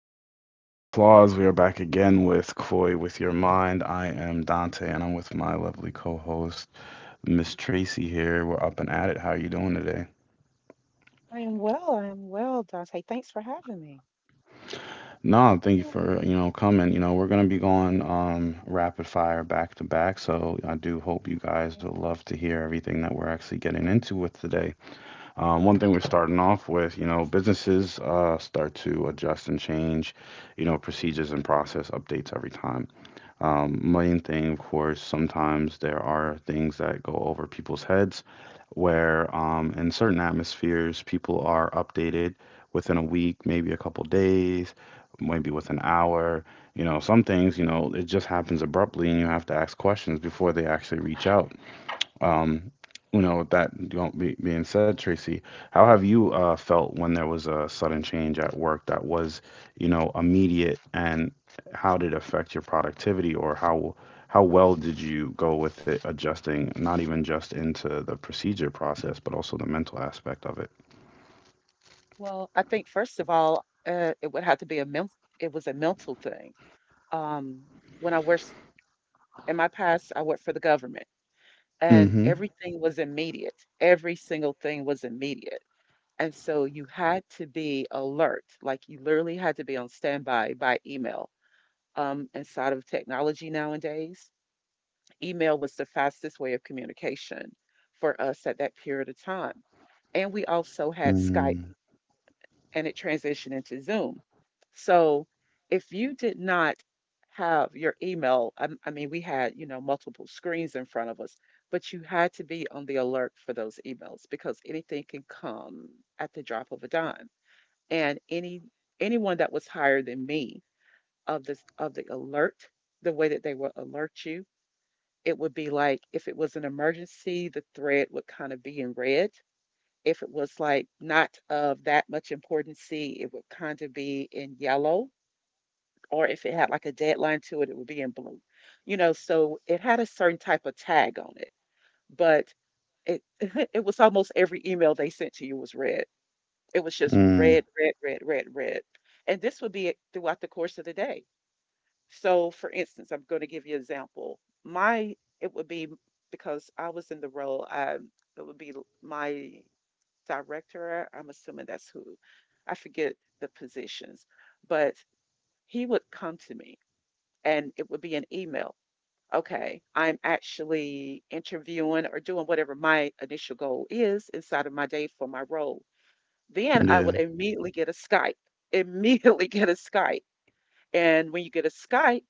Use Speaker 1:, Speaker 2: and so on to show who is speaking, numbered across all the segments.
Speaker 1: of applause, round of applause. We are back again with Koi with Your Mind. I am Dante and I'm with my lovely co host, Miss Tracy here. We're up and at it. How are you doing today?
Speaker 2: I am well. I am well, Dante. Thanks for having me.
Speaker 1: No, thank you
Speaker 2: You
Speaker 1: for coming. We're gonna be going rapid fire back to back, so I do hope you guys will love to hear everything that we're actually getting into with today. One thing we're starting off with businesses start to adjust and change procedures and process updates every time. Main thing, of course, sometimes there are things that go over people's heads where in certain atmospheres, people are updated within a week, maybe a couple days, maybe with an hour. Some things it just happens abruptly and you have to ask questions before they actually reach out. Um, with that don't be, being said, Tracy, how have you felt when there was a sudden change at work that was immediate, and how did it affect your productivity, or how well did you go with it adjusting, not even just into the procedure process, but also the mental aspect of it?
Speaker 2: Well, I think first of all, it would have to be a mental. It was a mental thing. Um, when I worked in my past, I worked for the government, and
Speaker 1: Mm-hmm.
Speaker 2: everything was immediate. Every single thing was immediate, and so you had to be alert. Like you literally had to be on standby by email. Inside of technology nowadays, email was the fastest way of communication for us at that period of time. And we also had Skype
Speaker 1: Mm.
Speaker 2: and it transitioned into Zoom. So if you did not have your email, I mean, we had, multiple screens in front of us, but you had to be on the alert for those emails because anything can come at the drop of a dime. And anyone that was higher than me of the alert, the way that they will alert you, it would be like if it was an emergency, the thread would kind of be in red. If it was like not of that much importancy, it would kind of be in yellow. Or if it had like a deadline to it, it would be in blue. You know, so it had a certain type of tag on it, but it it was almost every email they sent to you was red. It was just
Speaker 1: Mm.
Speaker 2: red, red, red, red, red. And this would be it throughout the course of the day. So, for instance, I'm going to give you an example. My It would be because I was in the role. It would be my director. I'm assuming that's who. I forget the positions, but he would come to me, and it would be an email. Okay, I'm actually interviewing or doing whatever my initial goal is inside of my day for my role. Then I would
Speaker 1: Yeah.
Speaker 2: immediately get a Skype. Immediately get a Skype. And when you get a Skype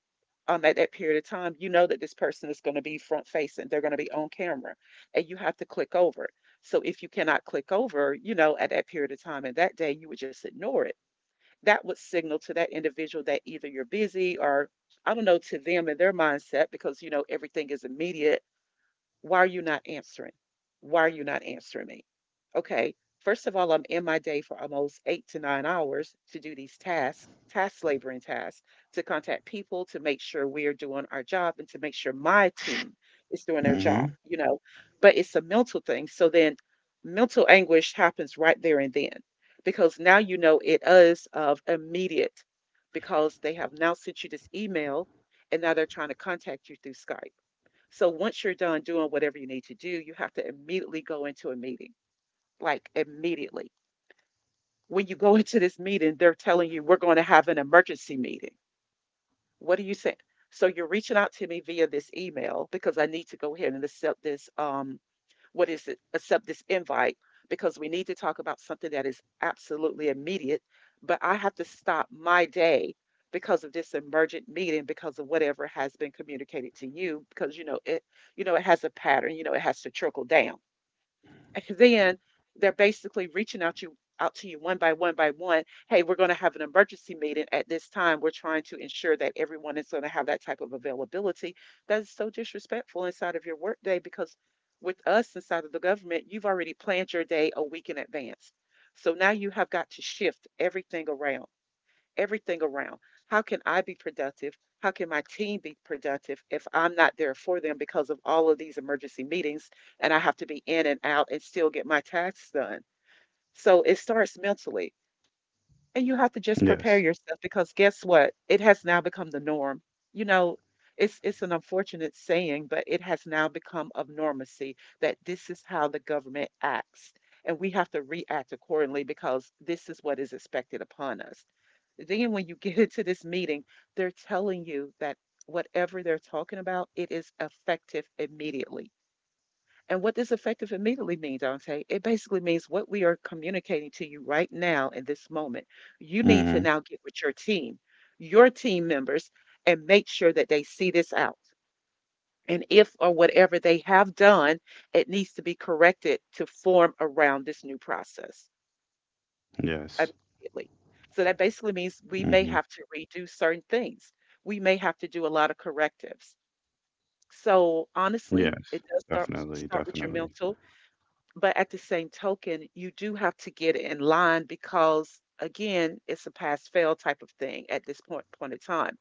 Speaker 2: at that period of time, you know that this person is going to be front facing. They're going to be on camera and you have to click over it. So if you cannot click over, at that period of time and that day, you would just ignore it. That would signal to that individual that either you're busy or I don't know, to them and their mindset, because, everything is immediate. Why are you not answering? Why are you not answering me? Okay, first of all, I'm in my day for almost 8 to 9 hours to do these tasks, task laboring tasks, to contact people, to make sure we're doing our job, and to make sure my team is doing their job,
Speaker 1: Mm-hmm.
Speaker 2: you know. But it's a mental thing. So then mental anguish happens right there and then because now you know it is of immediate because they have now sent you this email and now they're trying to contact you through Skype. So once you're done doing whatever you need to do, you have to immediately go into a meeting, like immediately. When you go into this meeting, they're telling you, we're going to have an emergency meeting. What do you say? So you're reaching out to me via this email because I need to go ahead and accept this what is it? Accept this invite because we need to talk about something that is absolutely immediate. But I have to stop my day because of this emergent meeting because of whatever has been communicated to you because you know it has a pattern, you know it has to trickle down. And then they're basically reaching out to you, one by one by one. Hey, we're going to have an emergency meeting at this time. We're trying to ensure that everyone is going to have that type of availability. That is so disrespectful inside of your workday because with us inside of the government, you've already planned your day a week in advance. So now you have got to shift everything around, everything around. How can I be productive? How can my team be productive if I'm not there for them because of all of these emergency meetings and I have to be in and out and still get my tasks done? So it starts mentally. And you have to just
Speaker 1: Yes.
Speaker 2: prepare yourself because guess what? It has now become the norm. You know, it's an unfortunate saying, but it has now become of normacy that this is how the government acts. And we have to react accordingly because this is what is expected upon us. Then when you get into this meeting, they're telling you that whatever they're talking about, it is effective immediately. And what this effective immediately mean, Dante, it basically means what we are communicating to you right now in this moment. You need
Speaker 1: Mm-hmm.
Speaker 2: to now get with your team members, and make sure that they see this out. And if or whatever they have done, it needs to be corrected to form around this new process
Speaker 1: Yes.
Speaker 2: immediately. So that basically means we may
Speaker 1: Mm-hmm.
Speaker 2: have to redo certain things. We may have to do a lot of correctives. So honestly,
Speaker 1: Yes.
Speaker 2: it does start
Speaker 1: Definitely.
Speaker 2: start with your
Speaker 1: Definitely.
Speaker 2: mental, but at the same token, you do have to get in line because again, it's a pass fail type of thing at this point in time.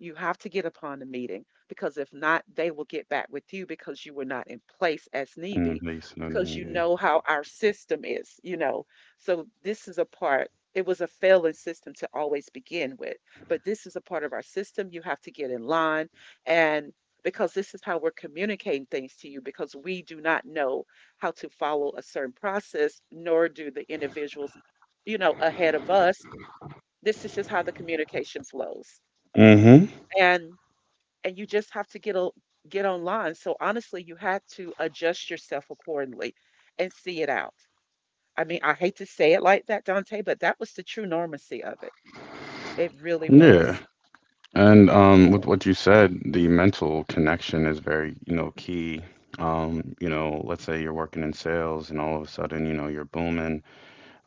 Speaker 2: You have to get upon the meeting because if not, they will get back with you because you were not in place as need
Speaker 1: In the
Speaker 2: be,
Speaker 1: place, not
Speaker 2: because you
Speaker 1: immediately.
Speaker 2: know how our system is. So this is a part, it was a failing system to always begin with, but this is a part of our system. You have to get in line, and because this is how we're communicating things to you, because we do not know how to follow a certain process, nor do the individuals, ahead of us. This is just how the communication flows. And and you just have to get online. So honestly, you had to adjust yourself accordingly and see it out. I mean, I hate to say it like that, Dante, but that was the true normacy of it. It really
Speaker 1: Yeah.
Speaker 2: was.
Speaker 1: And
Speaker 2: It really
Speaker 1: with
Speaker 2: was.
Speaker 1: what you said, the mental connection is very key. Let's say you're working in sales and all of a sudden you're booming,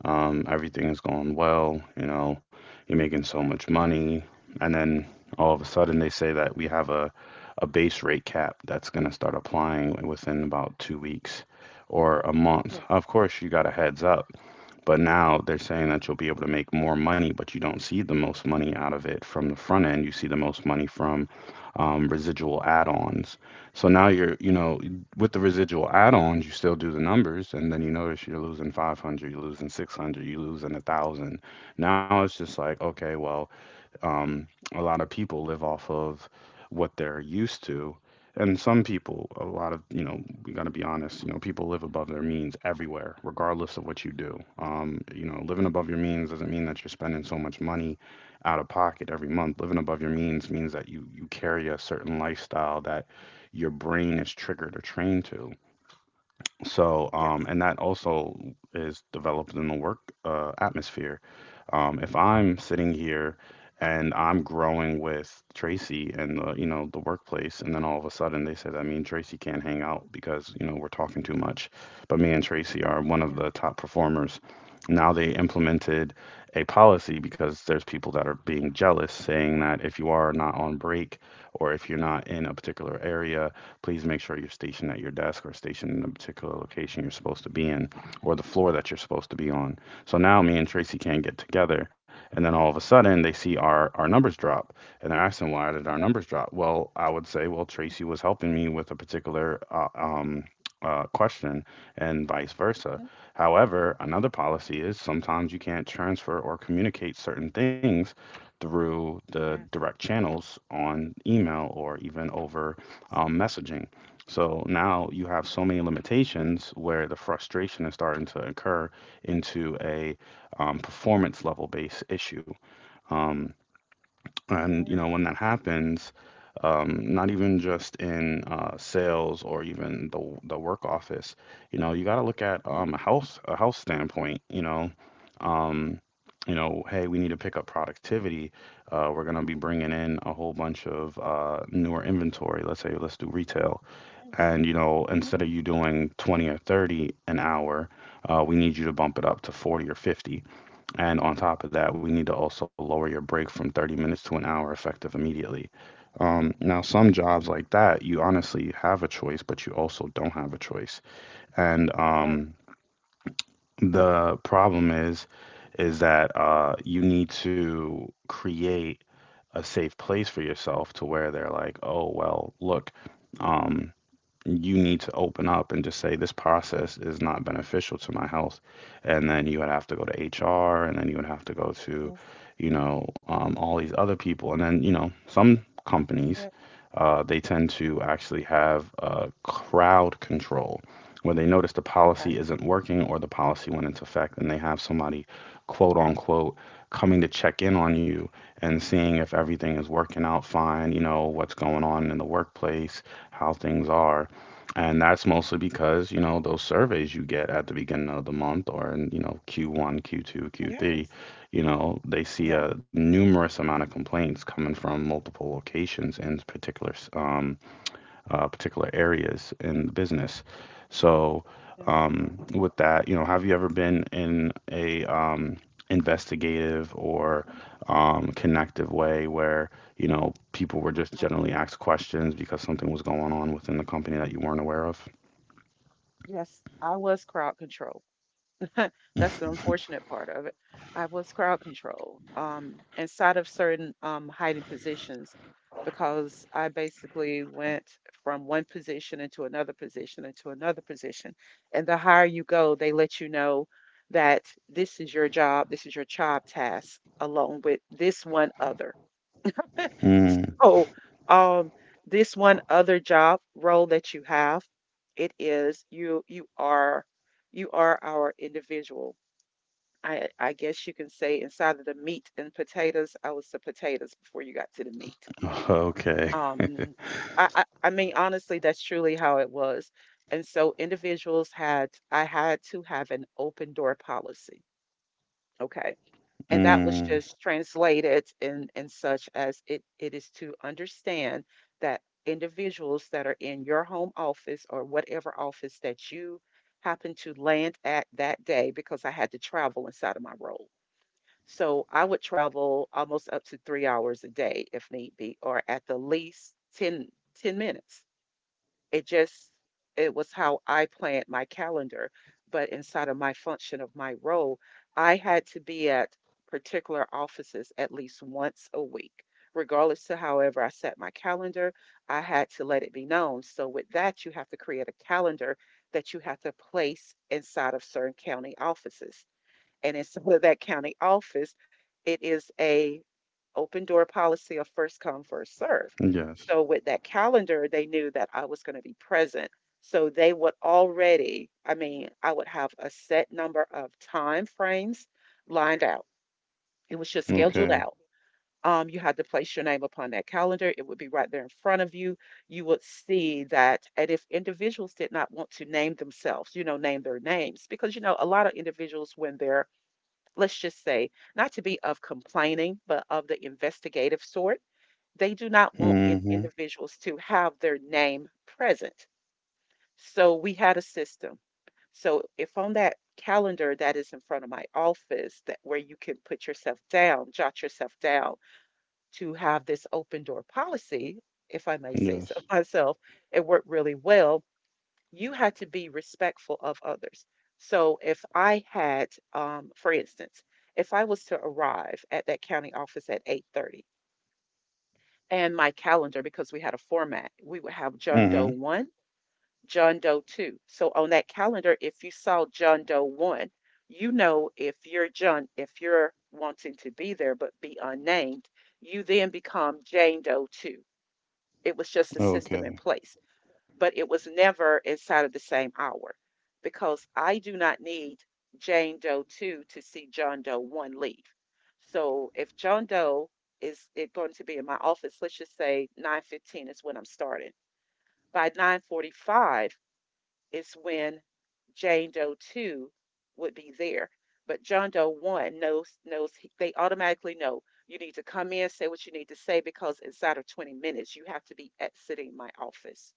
Speaker 1: everything is going well you're making so much
Speaker 2: Mhm,
Speaker 1: money. And then all of
Speaker 2: mhm.
Speaker 1: a sudden they say that we have a base rate cap that's going to start applying within about 2 weeks or a month.
Speaker 2: Yes.
Speaker 1: Of course, you got a heads up, but now they're saying that you'll be able to make more money, but you don't see the most money out of it from the front end. You see the most money from residual add-ons. So now you're with the residual add-ons, you still do the numbers, and then you notice you're losing 500, you're losing 600, you're losing a thousand. Now it's just like, okay, well, um, a lot of people live off of what they're used to. And some people, a lot of we got to be honest people live above their means everywhere, regardless of what you do. Living above your means doesn't mean that you're spending so much money out of pocket every month. Living above your means means that you carry a certain lifestyle that your brain is triggered or trained to. So,
Speaker 2: Yes.
Speaker 1: and that also is developed in the work atmosphere. If I'm sitting here and I'm growing with Tracy and the workplace, and then all of a sudden they say that mean Tracy can't hang out because we're talking too much, but me and Tracy are one of
Speaker 2: Yeah.
Speaker 1: the top performers. Now they implemented a policy because there's people that are being jealous, saying that if you are not on break or if you're not in a particular area, please make sure you're stationed at your desk or stationed in the particular location you're supposed to be in or the floor that you're supposed to be on. So now me and Tracy can't get together. And then all of a sudden they see our numbers drop and they're asking, why did our numbers drop? Well, I would say, well, Tracy was helping me with a particular question and vice versa.
Speaker 2: Hmm.
Speaker 1: However, another policy is sometimes you can't transfer or communicate certain things through the
Speaker 2: Yes.
Speaker 1: direct channels on email or even over
Speaker 2: Absolutely.
Speaker 1: messaging. So now you have so
Speaker 2: Absolutely.
Speaker 1: many limitations where the frustration is starting to occur into a performance level based issue. Um,
Speaker 2: You're
Speaker 1: and you
Speaker 2: right.
Speaker 1: know, when that happens, not even just in sales or even the work office you got to look at
Speaker 2: Uh-huh.
Speaker 1: a health standpoint. Um, hey, we need to pick up productivity. We're going to be bringing in a whole bunch of newer inventory. Let's say let's do retail,
Speaker 2: Yes.
Speaker 1: and
Speaker 2: Uh-huh.
Speaker 1: instead of you doing 20 or 30 an hour, we need you to bump it up to 40 or 50, and on top of that, we need to also lower your break from 30 minutes to an hour, effective immediately. Now,
Speaker 2: Mm.
Speaker 1: some jobs like that, you honestly have a choice, but you also don't have a choice. And
Speaker 2: Right.
Speaker 1: the problem is that you need to create a safe place for yourself, to where they're like, oh, well, look, um, you need to open up and just say this process is not beneficial to my health. And then you would have to go to HR, and then you would have to go to
Speaker 2: Yes.
Speaker 1: all these other people, and then some companies,
Speaker 2: Yeah.
Speaker 1: they tend to actually have crowd control, where they notice the
Speaker 2: Okay.
Speaker 1: policy isn't working or the policy went into effect, and they have somebody, quote unquote, coming to check in on you and seeing if everything is working out fine, you know what's going on in the workplace, how things are. And that's mostly because those surveys you get at the beginning of the month or in Q1, Q2,
Speaker 2: Yes.
Speaker 1: Q3 they
Speaker 2: Yeah.
Speaker 1: see a numerous amount of complaints coming from multiple locations in particular particular areas in the business. So,
Speaker 2: Yeah.
Speaker 1: with that have you ever been in a investigative or
Speaker 2: Oh,
Speaker 1: connective
Speaker 2: yeah.
Speaker 1: way where people were just
Speaker 2: Oh,
Speaker 1: generally
Speaker 2: yeah.
Speaker 1: asked questions because something was going on within the company that you weren't aware of?
Speaker 2: Yes. I was crowd control. That's the unfortunate part of it. I was crowd control inside of certain hiding positions because I basically went from one position into another position into another position. And the higher you go, they let you know that this is your job, this is your job task, along with this one other.
Speaker 1: Mm,
Speaker 2: So, um, this one other job role that you have, it is you are our individual. I guess you can say inside of the meat and potatoes, I was the potatoes before you got to the meat.
Speaker 1: okay.
Speaker 2: Um, I mean, honestly, that's truly how it was. And so individuals had I had to have an open door policy. Okay, and that was
Speaker 1: Mm,
Speaker 2: just translated and such as it is to understand that individuals that are in your home office or whatever office that you happen to land at that day because I had to travel inside of my role. So I would travel almost up to 3 hours a day if need be, or at the least ten minutes. it just it was how I planned my calendar, but inside of my function of my role, I had to be at particular offices at least once a week. Regardless to however I set my calendar, I had to let it be known. So with that, you have to create a calendar that you have to place inside of certain county offices. And inside of that county office, it is a open door policy of first come, first serve.
Speaker 1: yes.
Speaker 2: So with that calendar, they knew that I was going to be present. So they would already, I mean, I would have a set number of time frames lined out. It was just scheduled
Speaker 1: Okay.
Speaker 2: out. You had to place your name upon that calendar. It would be right there in front of you. You would see that. And if individuals did not want to name themselves, name their names, because, a lot of individuals, when they're, let's just say, not to be of complaining, but of the investigative sort, they do not want
Speaker 1: Mm-hmm.
Speaker 2: individuals to have their name present. So we had a system. So if on that calendar that is in front of my office that where you can put yourself down, jot yourself down to have this open door policy, if I may say so
Speaker 1: Yes.
Speaker 2: myself, it worked really well. You had to be respectful of others. So if I had, for instance, if I was to arrive at that county office at 8:30, and my calendar because we had a format. We would have John Doe
Speaker 1: Mm-hmm.
Speaker 2: 1, John Doe 2. So on that calendar, if you saw John Doe 1, you know, if you're John, if you're wanting to be there but be unnamed, you then become Jane Doe 2. It was just a system in
Speaker 1: Okay.
Speaker 2: place, but it was never inside of the same hour because I do not need Jane Doe 2 to see John Doe 1 leave. So if John Doe is it going to be in my office, let's just say 9:15 is when I'm starting. By 9:45 is when Jane Doe 2 would be there. But John Doe 1 knows they automatically know you need to come in, say what you need to say because inside of 20 minutes you have to be exiting my office.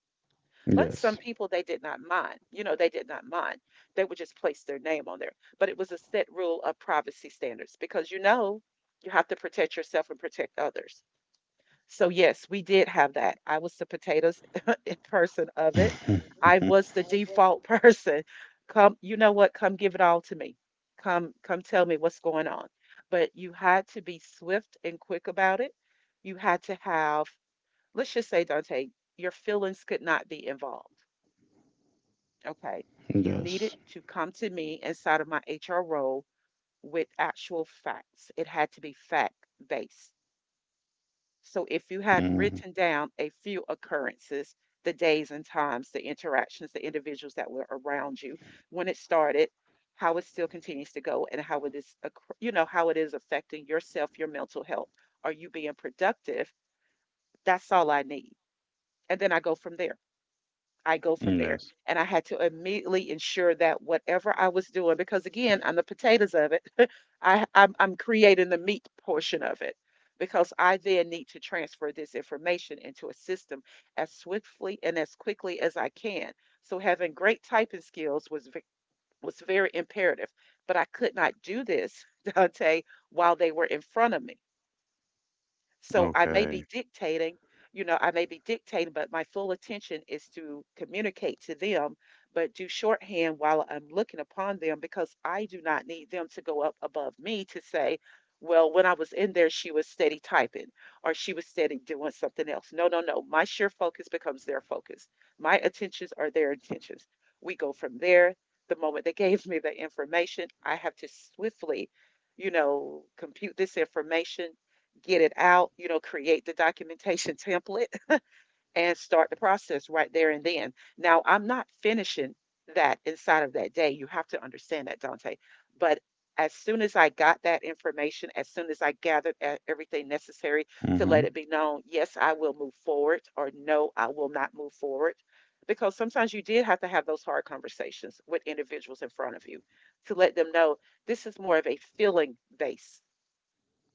Speaker 2: But some
Speaker 1: Yes.
Speaker 2: people, they did not mind. You know, they did not mind. They would just place their name on there. But it was a set rule of privacy standards because you know you have to protect yourself and protect others. So, yes, we did have that. I was the potatoes in person of it. I was the default person. Come, you know what? Come give it all to me. Come, come tell me what's going on. But you had to be swift and quick about it. You had to have, let's just say, Dante, your feelings could not be involved. Okay. You needed
Speaker 1: Yes.
Speaker 2: to come to me inside of my HR role with actual facts. It had to be fact based. So if you had
Speaker 1: Mm,
Speaker 2: written down a few occurrences, the days and times, the interactions, the individuals that were around you, when it started, how it still continues to go, and how it is, you know, how it is affecting yourself, your mental health. Are you being productive? That's all I need. And then I go from there. I go from there.
Speaker 1: yes.
Speaker 2: And I had to immediately ensure that whatever I was doing, because again, I'm the potatoes of it, I'm creating the meat portion of it because I then need to transfer this information into a system as swiftly and as quickly as I can. So having great typing skills was was very imperative, but I could not do this, Dante, while they were in front of me. So I may be
Speaker 1: Okay.
Speaker 2: dictating, you know, I may be dictating, but my full attention is to communicate to them, but do shorthand while I'm looking upon them because I do not need them to go up above me to say, well, when I was in there, she was steady typing or she was steady doing something else. No, no, no. My sheer focus becomes their focus. My attentions are their intentions. We go from there. The moment they gave me the information, I have to swiftly, you know, compute this information, get it out, you know, create the documentation template and start the process right there and then. Now, I'm not finishing that inside of that day. You have to understand that, Dante. But as soon as I got that information, as soon as I gathered everything necessary
Speaker 1: Mm-hmm.
Speaker 2: to let it be known, yes, I will move forward, or no, I will not move forward. Because sometimes you did have to have those hard conversations with individuals in front of you to let them know this is more of a feeling base,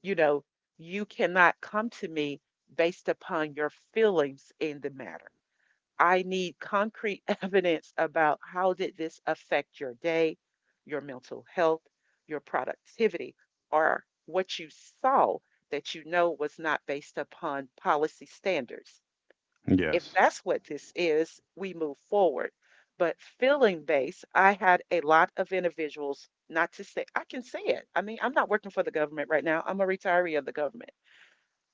Speaker 2: you know, you cannot come to me based upon your feelings in the matter. I need concrete evidence about how did this affect your day, your mental health, your productivity, or what you saw that you know was not based upon policy standards. If
Speaker 1: Yes.
Speaker 2: that's what this is, we move forward. But feeling based, I had a lot of individuals, not to say, I can say it. I mean, I'm not working for the government right now. I'm a retiree of the government.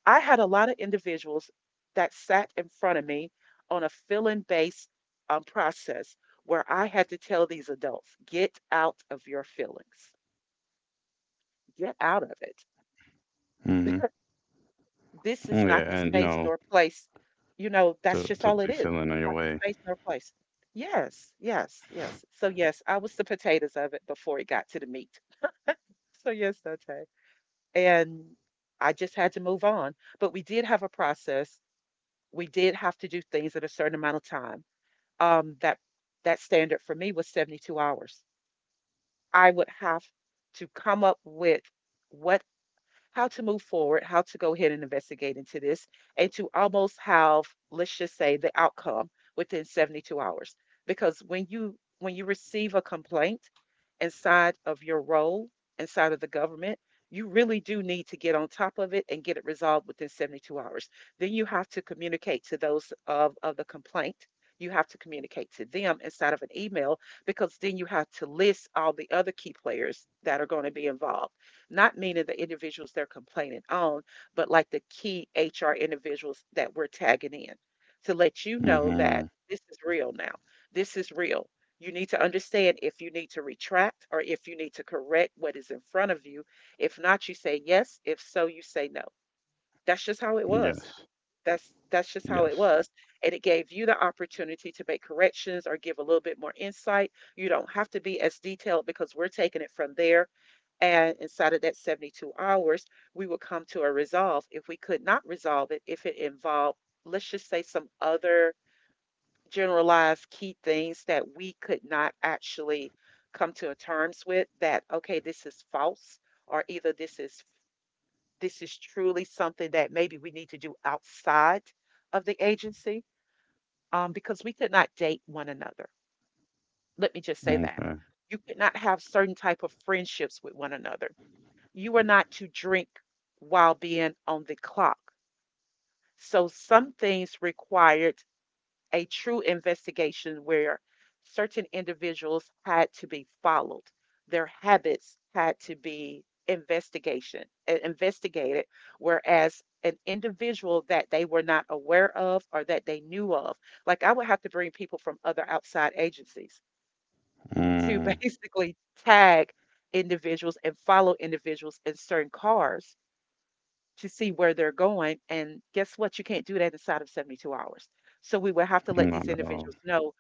Speaker 2: I had a lot of individuals that sat in front of me on a feeling based process where I had to tell these adults, get out of your feelings, get out of it.
Speaker 1: Mm-hmm.
Speaker 2: This is not
Speaker 1: Yeah,
Speaker 2: the
Speaker 1: and
Speaker 2: space nor place. You know, that's
Speaker 1: to
Speaker 2: just
Speaker 1: to
Speaker 2: all it
Speaker 1: be
Speaker 2: is.
Speaker 1: feeling on
Speaker 2: It's
Speaker 1: your
Speaker 2: not the
Speaker 1: way.
Speaker 2: space nor place. Yes, yes, yes. So, yes, I was the potatoes of it before it got to the meat. So, yes, okay. And I just had to move on. But we did have a process. We did have to do things at a certain amount of time, that that standard for me was 72 hours. I would have to come up with what, how to move forward, how to go ahead and investigate into this, and to almost have, let's just say, the outcome within 72 hours. Because when you, when you receive a complaint inside of your role, inside of the government, you really do need to get on top of it and get it resolved within 72 hours. Then you have to communicate to those of the complaint. You have to communicate to them inside of an email because then you have to list all the other key players that are going to be involved, not meaning the individuals they're complaining on, but like the key HR individuals that we're tagging in to let you know that
Speaker 1: Mm-hmm.
Speaker 2: this is real now. This is real. You need to understand if you need to retract or if you need to correct what is in front of you. If not, you say yes. If so, you say no. That's just how it was.
Speaker 1: Yes.
Speaker 2: That's that's just how it
Speaker 1: Yes.
Speaker 2: was. And it gave you the opportunity to make corrections or give a little bit more insight. You don't have to be as detailed because we're taking it from there, and inside of that 72 hours, we would come to a resolve. If we could not resolve it, if it involved, let's just say, some other generalized key things that we could not actually come to a terms with that, okay, this is false, or either this is truly something that maybe we need to do outside of the agency, because we could not date one another. Let me just say that.
Speaker 1: Okay.
Speaker 2: You could not have certain type of friendships with one another. You are not to drink while being on the clock. So some things required a true investigation where certain individuals had to be followed. Their habits had to be investigated, whereas an individual that they were not aware of or that they knew of, like I would have to bring people from other outside agencies to
Speaker 1: Mm,
Speaker 2: basically tag individuals and follow individuals in certain cars to see where they're going. And guess what? You can't do that inside of 72 hours. So we will have to let these
Speaker 1: not at
Speaker 2: individuals
Speaker 1: all.
Speaker 2: know,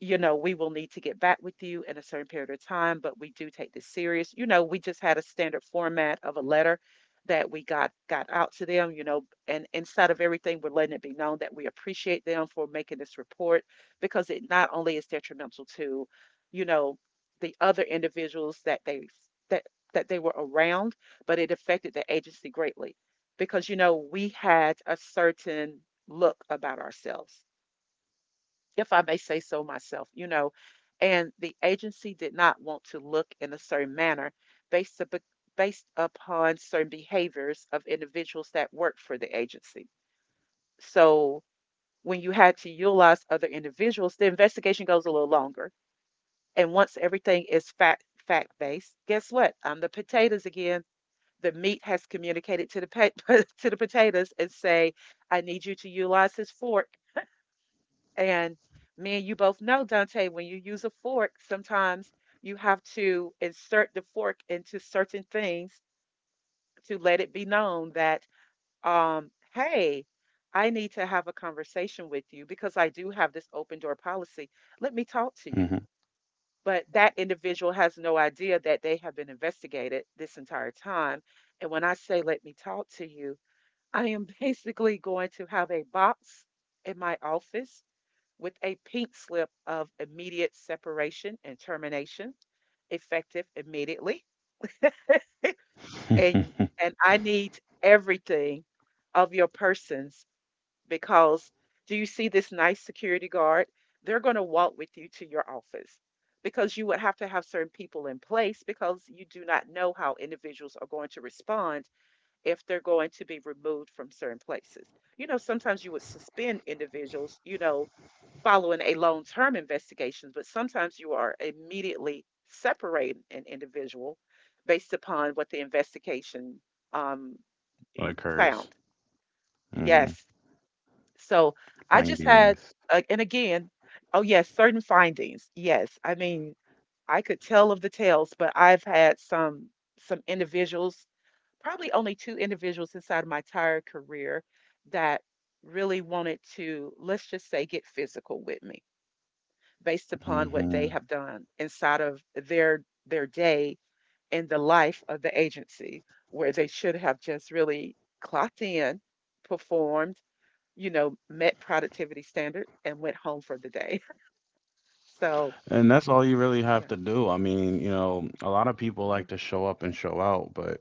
Speaker 2: you know, we will need to get back with you in a certain period of time, but we do take this serious. You know, we just had a standard format of a letter that we got out to them, you know, and inside of everything, we're letting it be known that we appreciate them for making this report because it not only is detrimental to, you know, the other individuals that they that that they were around, but it affected the agency greatly because you know, we had a certain look about ourselves, if I may say so myself, you know, and the agency did not want to look in a certain manner based up, based upon certain behaviors of individuals that worked for the agency. So when you had to utilize other individuals, the investigation goes a little longer. And once everything is fact fact based, guess what? I'm the potatoes again. The meat has communicated to the to the potatoes and say, "I need you to utilize his fork and me and you both know, Dante, when you use a fork, sometimes you have to insert the fork into certain things to let it be known that, hey, I need to have a conversation with you because I do have this open door policy. Let me talk to you. But that individual has no idea that they have been investigated this entire time. And when I say, let me talk to you, I am basically going to have a box in my office with a pink slip of immediate separation and termination, effective immediately. And
Speaker 1: Mm-hmm.
Speaker 2: and I need everything of your persons because do you see this nice security guard? They're going to walk with you to your office because you would have to have certain people in place because you do not know how individuals are going to respond if they're going to be removed from certain places. You know, sometimes you would suspend individuals, you know, following a long term investigation, but sometimes you are immediately separating an individual based upon what the investigation um,
Speaker 1: Occurs.
Speaker 2: found.
Speaker 1: Mm-hmm.
Speaker 2: Yes. So I just had,
Speaker 1: Findings.
Speaker 2: and again, oh, yes, certain findings. Yes. I mean, I could tell of the tales, but I've had some individuals probably only two individuals inside of my entire career that really wanted to, let's just say, get physical with me based upon what they
Speaker 1: Mm-hmm.
Speaker 2: have done inside of their their day in the life of the agency where they should have just really clocked in, performed, you know, met productivity standard and went home for the day. So,
Speaker 1: And that's all you really have
Speaker 2: yeah.
Speaker 1: to do. I mean, a lot of people
Speaker 2: Yeah,
Speaker 1: like to show up and show out, but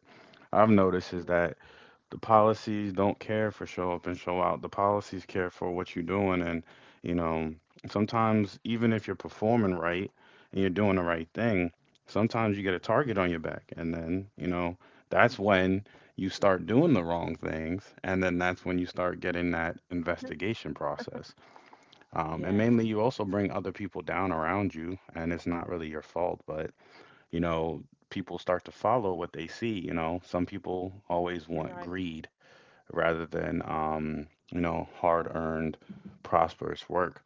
Speaker 1: I've noticed is
Speaker 2: yeah,
Speaker 1: that the policies don't care for show up and show out. The policies care for what you're doing. And, you know, sometimes even if you're performing right and you're doing the right thing, sometimes you get a target on your back. And then that's
Speaker 2: yeah.
Speaker 1: when you start doing the wrong things. And then that's when you start getting that
Speaker 2: Huh?
Speaker 1: investigation process. And
Speaker 2: Yes,
Speaker 1: mainly, you also bring other people down around you, and it's not really your fault, but you know, people start to follow what they see. Some people always
Speaker 2: you're
Speaker 1: want
Speaker 2: right.
Speaker 1: greed rather than hard-earned, prosperous work.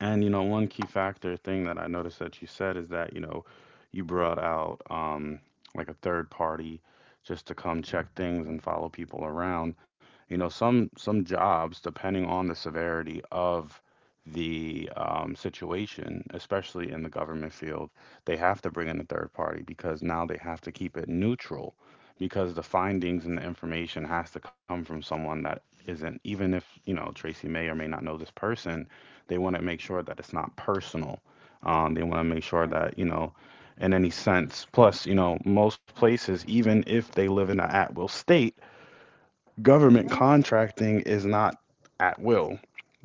Speaker 1: And one key factor thing that I noticed that you said is that you brought out like a third party just to come check things
Speaker 2: Yeah,
Speaker 1: and follow people around. Some jobs, depending on the severity of the situation, especially in the government field, they have to bring in a third party because now they have to keep it neutral, because the findings
Speaker 2: yes,
Speaker 1: and the information has to come from someone that isn't, even if Tracy may or may not know this person, they want to make sure that it's not personal. They want to make sure
Speaker 2: yes.
Speaker 1: that in any sense. Plus most places, even if they live in an at will state,
Speaker 2: Yeah,
Speaker 1: government
Speaker 2: right.
Speaker 1: contracting is not at will.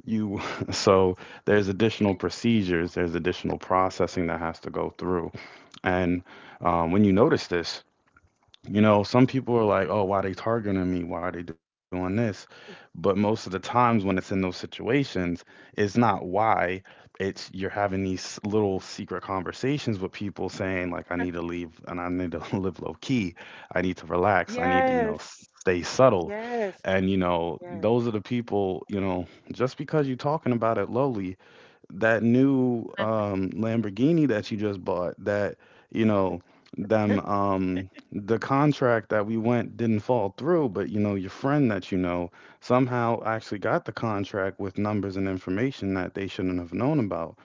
Speaker 1: You
Speaker 2: Yes.
Speaker 1: So there's additional
Speaker 2: You,
Speaker 1: procedures, there's additional processing that has to go through. And
Speaker 2: you're
Speaker 1: when
Speaker 2: right.
Speaker 1: you notice this some people are like, oh, why they targeting me? Why they doing this? But most of the times when it's in those situations, it's not why. It's you're having these little secret conversations with people saying, like, I need to leave and I need to live low key. I need to relax. I need to
Speaker 2: Yes,
Speaker 1: stay subtle.
Speaker 2: yes, yes.
Speaker 1: Those are the people, just because you're talking about it lowly that new Lamborghini that you just bought that you know the contract that we went didn't fall through, but you know your friend that somehow actually
Speaker 2: Mhm.
Speaker 1: got the contract with numbers and information that they shouldn't have known about.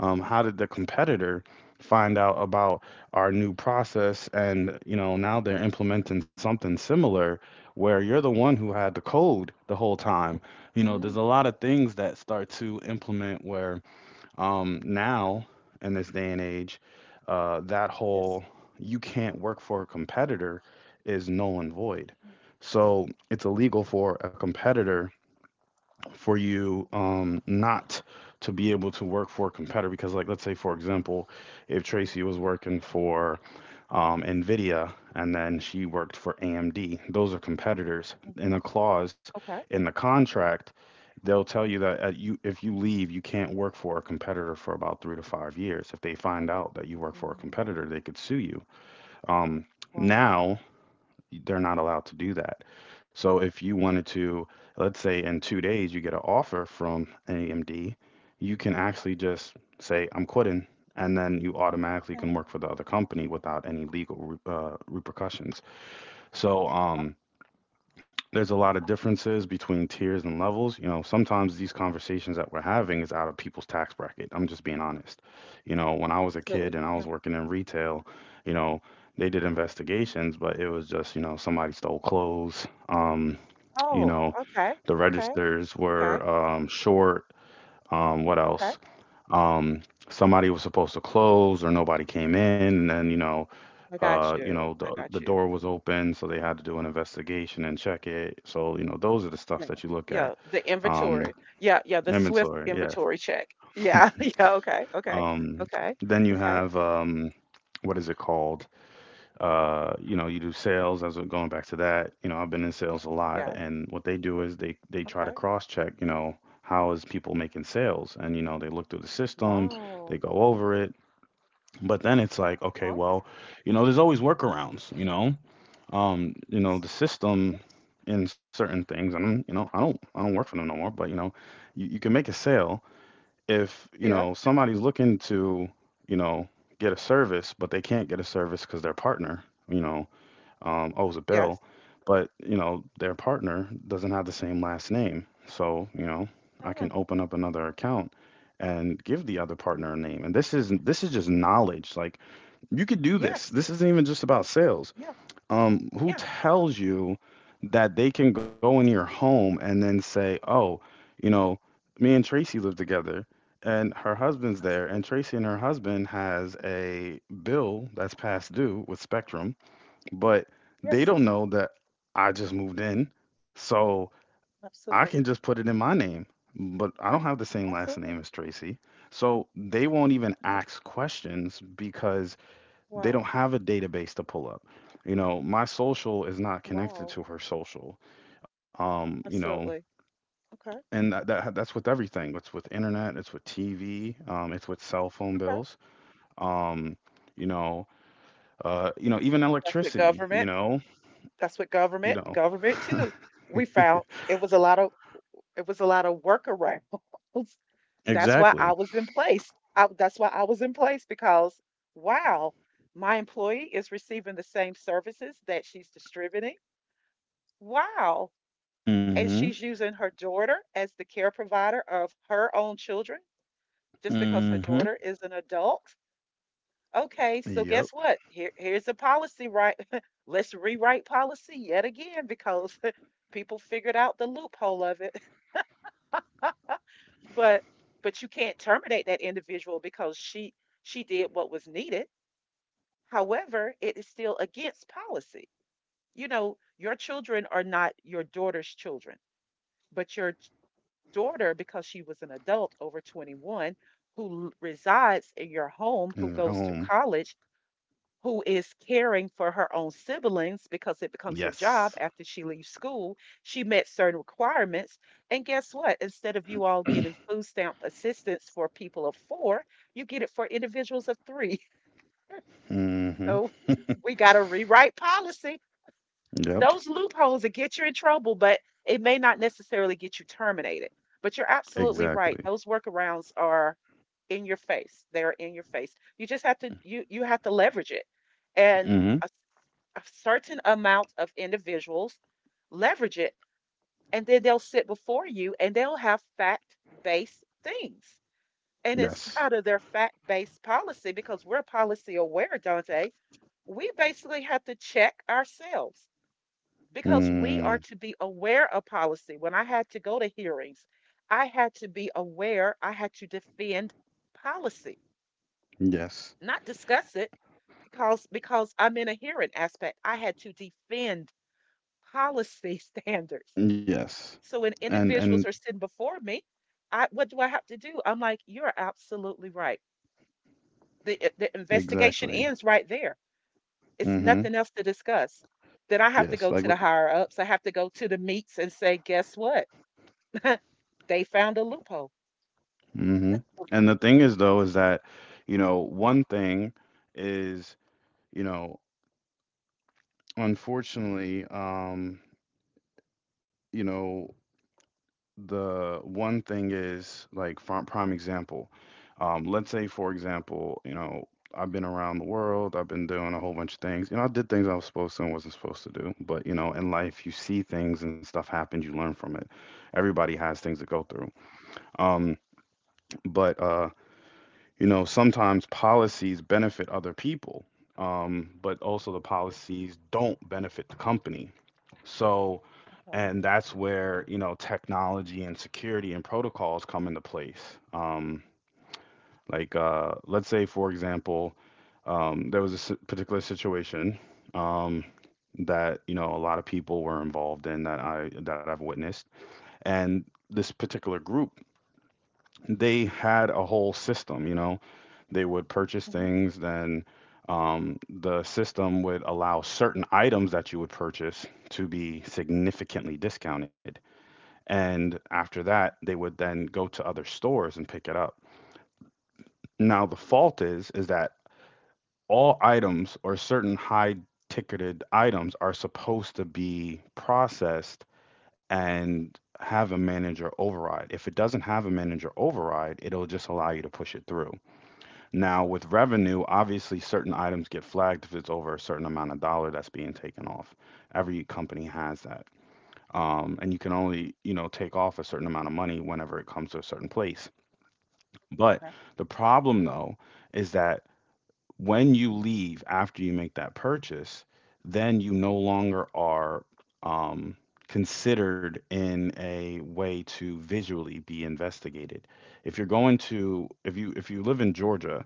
Speaker 1: How did the
Speaker 2: Absolutely.
Speaker 1: competitor find out about our new process? And you know now they're implementing something similar where you're the one who
Speaker 2: Yeah.
Speaker 1: had the code the whole time. You know, there's
Speaker 2: Mm,
Speaker 1: a lot of things that start to implement where, now, in this day and age, that
Speaker 2: yes.
Speaker 1: whole you can't work for a competitor is null and void.
Speaker 2: Mm,
Speaker 1: So it's illegal for a competitor for you, not to be able to work for a competitor. Because, like, let's say for example, if Tracy was working for, Nvidia, and then she worked for AMD, those are competitors. In
Speaker 2: mhm.
Speaker 1: a clause
Speaker 2: Okay.
Speaker 1: in the contract they'll tell you that you, if you leave you can't work for a competitor for about 3 to 5 years. If they find out that you work for a
Speaker 2: Mm,
Speaker 1: competitor, they could sue you. um,
Speaker 2: wow.
Speaker 1: Now they're not allowed to do that. So if you wanted to, let's say in 2 days you get an offer from AMD, you can actually just say, I'm quitting. And then you automatically
Speaker 2: Yeah.
Speaker 1: can work for the other company without any legal repercussions. So
Speaker 2: Okay.
Speaker 1: there's a lot of differences between tiers and levels. You know, sometimes these conversations that we're having is out of people's tax bracket. I'm just being honest. You know, when I was a kid
Speaker 2: Absolutely.
Speaker 1: and I was
Speaker 2: Yeah.
Speaker 1: working in retail, you know, they did investigations, but it was just, you know, somebody stole clothes. You
Speaker 2: Oh,
Speaker 1: know,
Speaker 2: okay.
Speaker 1: the
Speaker 2: Okay.
Speaker 1: registers
Speaker 2: Okay.
Speaker 1: were short. What
Speaker 2: Okay.
Speaker 1: else? Um, somebody was supposed to close or nobody came in. And then,
Speaker 2: I got
Speaker 1: you know,
Speaker 2: you. I
Speaker 1: the
Speaker 2: got you.
Speaker 1: door was open, so they had to do an investigation and check it. So, you know, those are the stuff
Speaker 2: Yeah.
Speaker 1: that you look at.
Speaker 2: Yeah. The
Speaker 1: Um,
Speaker 2: inventory. Yeah. Yeah. The swift
Speaker 1: inventory, yes.
Speaker 2: inventory check. Yeah. Yeah. Okay. Okay.
Speaker 1: Um,
Speaker 2: Okay.
Speaker 1: then you
Speaker 2: Okay.
Speaker 1: have what is it called? You know, you do sales. As we're going back to that, you know, I've been in sales a lot,
Speaker 2: Yeah.
Speaker 1: and what they do is they try to
Speaker 2: Okay.
Speaker 1: cross check. You know, how is people making sales? And you know, they look through the system, they
Speaker 2: Wow.
Speaker 1: go over it. But then it's like, okay,
Speaker 2: Huh?
Speaker 1: well, you know, there's always workarounds. You know the system in certain things, and I'm, you know, I don't work for them no more, but you know you can make a sale if you
Speaker 2: Yeah.
Speaker 1: know somebody's looking to you know get a service, but they can't get a service because their partner, you know owes a bill.
Speaker 2: Yes.
Speaker 1: But you know their partner doesn't have the same last name, so you know I can
Speaker 2: Mm,
Speaker 1: open up another account and give the other
Speaker 2: mm.
Speaker 1: partner a name. And this is just knowledge. Like, you could do
Speaker 2: Yes.
Speaker 1: this. This isn't even just about sales.
Speaker 2: Yeah.
Speaker 1: Who
Speaker 2: Yeah.
Speaker 1: tells you that they can go in your home and then say, "Oh, you know, me and Tracy live together, and her husband's there, and
Speaker 2: Absolutely.
Speaker 1: Tracy and her husband has a bill that's past due with Spectrum,
Speaker 2: Yeah.
Speaker 1: but they
Speaker 2: Yes,
Speaker 1: don't know that I just moved in, so I
Speaker 2: absolutely.
Speaker 1: can just put it in my name, but I don't have the same last
Speaker 2: Absolutely.
Speaker 1: name as Tracy." So they won't even
Speaker 2: Okay.
Speaker 1: ask questions because they don't
Speaker 2: Wow.
Speaker 1: have a database to pull up. You know, my social is not connected
Speaker 2: Wow.
Speaker 1: to her social. You know,
Speaker 2: Absolutely. Okay.
Speaker 1: and that's with everything. It's with internet. It's with TV. It's with cell phone
Speaker 2: Okay.
Speaker 1: bills. Um, you know, you know, even
Speaker 2: That's what
Speaker 1: electricity.
Speaker 2: government, that's what
Speaker 1: You
Speaker 2: government,
Speaker 1: know
Speaker 2: government too. We found it was a lot of it was a lot of workarounds. That's why I
Speaker 1: exactly.
Speaker 2: was in place. That's why I was in place because wow, my employee is receiving the same services that she's distributing. Wow. And
Speaker 1: Mm-hmm.
Speaker 2: she's using her daughter as the care provider of her own children just because her
Speaker 1: Mm-hmm.
Speaker 2: daughter is an adult. Okay, so
Speaker 1: Yep.
Speaker 2: guess what? Here, here's a policy, right? Let's rewrite policy yet again because people figured out the loophole of it. But but you can't terminate that individual because she did what was needed. However, it is still against policy. You know, your children are not your daughter's children, but your daughter, because she was an adult over 21 who resides in your home, who
Speaker 1: In your
Speaker 2: goes to
Speaker 1: home.
Speaker 2: college, who is caring for her own siblings because it becomes her job
Speaker 1: Yes.
Speaker 2: after she leaves school. She met certain requirements. And guess what? Instead of you all getting food stamp assistance for people of four, you get it for individuals of three.
Speaker 1: Mm-hmm.
Speaker 2: So we got to rewrite policy.
Speaker 1: Yep.
Speaker 2: Those loopholes that get you in trouble, but it may not necessarily get you terminated. But you're absolutely right.
Speaker 1: Exactly.
Speaker 2: Those workarounds are in your face. They're in your face. You just have to you have to leverage it. And
Speaker 1: Mm-hmm.
Speaker 2: a certain amount of individuals, leverage it, and then they'll sit before you and they'll have fact based things. And it's out
Speaker 1: Yes.
Speaker 2: of their fact based policy because we're policy aware, Dante. We basically have to check ourselves because we are
Speaker 1: Mm.
Speaker 2: to be aware of policy. When I had to go to hearings, I had to be aware, I had to defend policy,
Speaker 1: Yes.
Speaker 2: not discuss it because I'm in a hearing aspect. I had to defend policy standards.
Speaker 1: Yes.
Speaker 2: So when individuals
Speaker 1: And
Speaker 2: are sitting before me, I what do I have to do? I'm like, you're absolutely right. The the investigation
Speaker 1: exactly.
Speaker 2: ends right there. It's
Speaker 1: Mm-hmm.
Speaker 2: nothing else to discuss. Then I have to go
Speaker 1: Yes.
Speaker 2: to
Speaker 1: Like
Speaker 2: the higher ups. I have to go to the meets and say, guess what? They found a loophole.
Speaker 1: mm-hmm.
Speaker 2: That's- oh,
Speaker 1: And the thing is though is that, you know, one thing is, you know, unfortunately, you know, the one thing is like prime example. Let's say for example, you know, I've been around the world, I've been doing a whole bunch of things. You know, I did things I was supposed to and wasn't supposed to do. But, you know, in life you see things and stuff happens, you learn from it. Everybody has things to go through. Um, but you know, sometimes policies benefit other people, but also the policies don't benefit the company. So,
Speaker 2: okay.
Speaker 1: and that's where you know technology and security and protocols come into place. Like, let's say, for example, there was a particular situation um, that you know a lot of people were involved in that I've witnessed, and this particular group, they had a whole system, you know. They would purchase
Speaker 2: Mm-hmm.
Speaker 1: things, then the system would allow certain items that you would purchase to be significantly discounted. And after that, they would then go to other stores and pick it up. Now, the fault is that all items or certain high ticketed items are supposed to be processed and have a manager override. If it doesn't have a manager override, it'll just allow you to push it through. Now, with revenue, obviously certain items get flagged if it's over a certain amount of dollar that's being taken off. Every company has that. And you can only, you know, take off a certain amount of money whenever it comes to a certain place. But
Speaker 2: Okay.
Speaker 1: the problem though is that when you leave after you make that purchase, then you no longer are, um, considered in a way to visually be investigated. If you're going to, if you live in
Speaker 2: mm,
Speaker 1: Georgia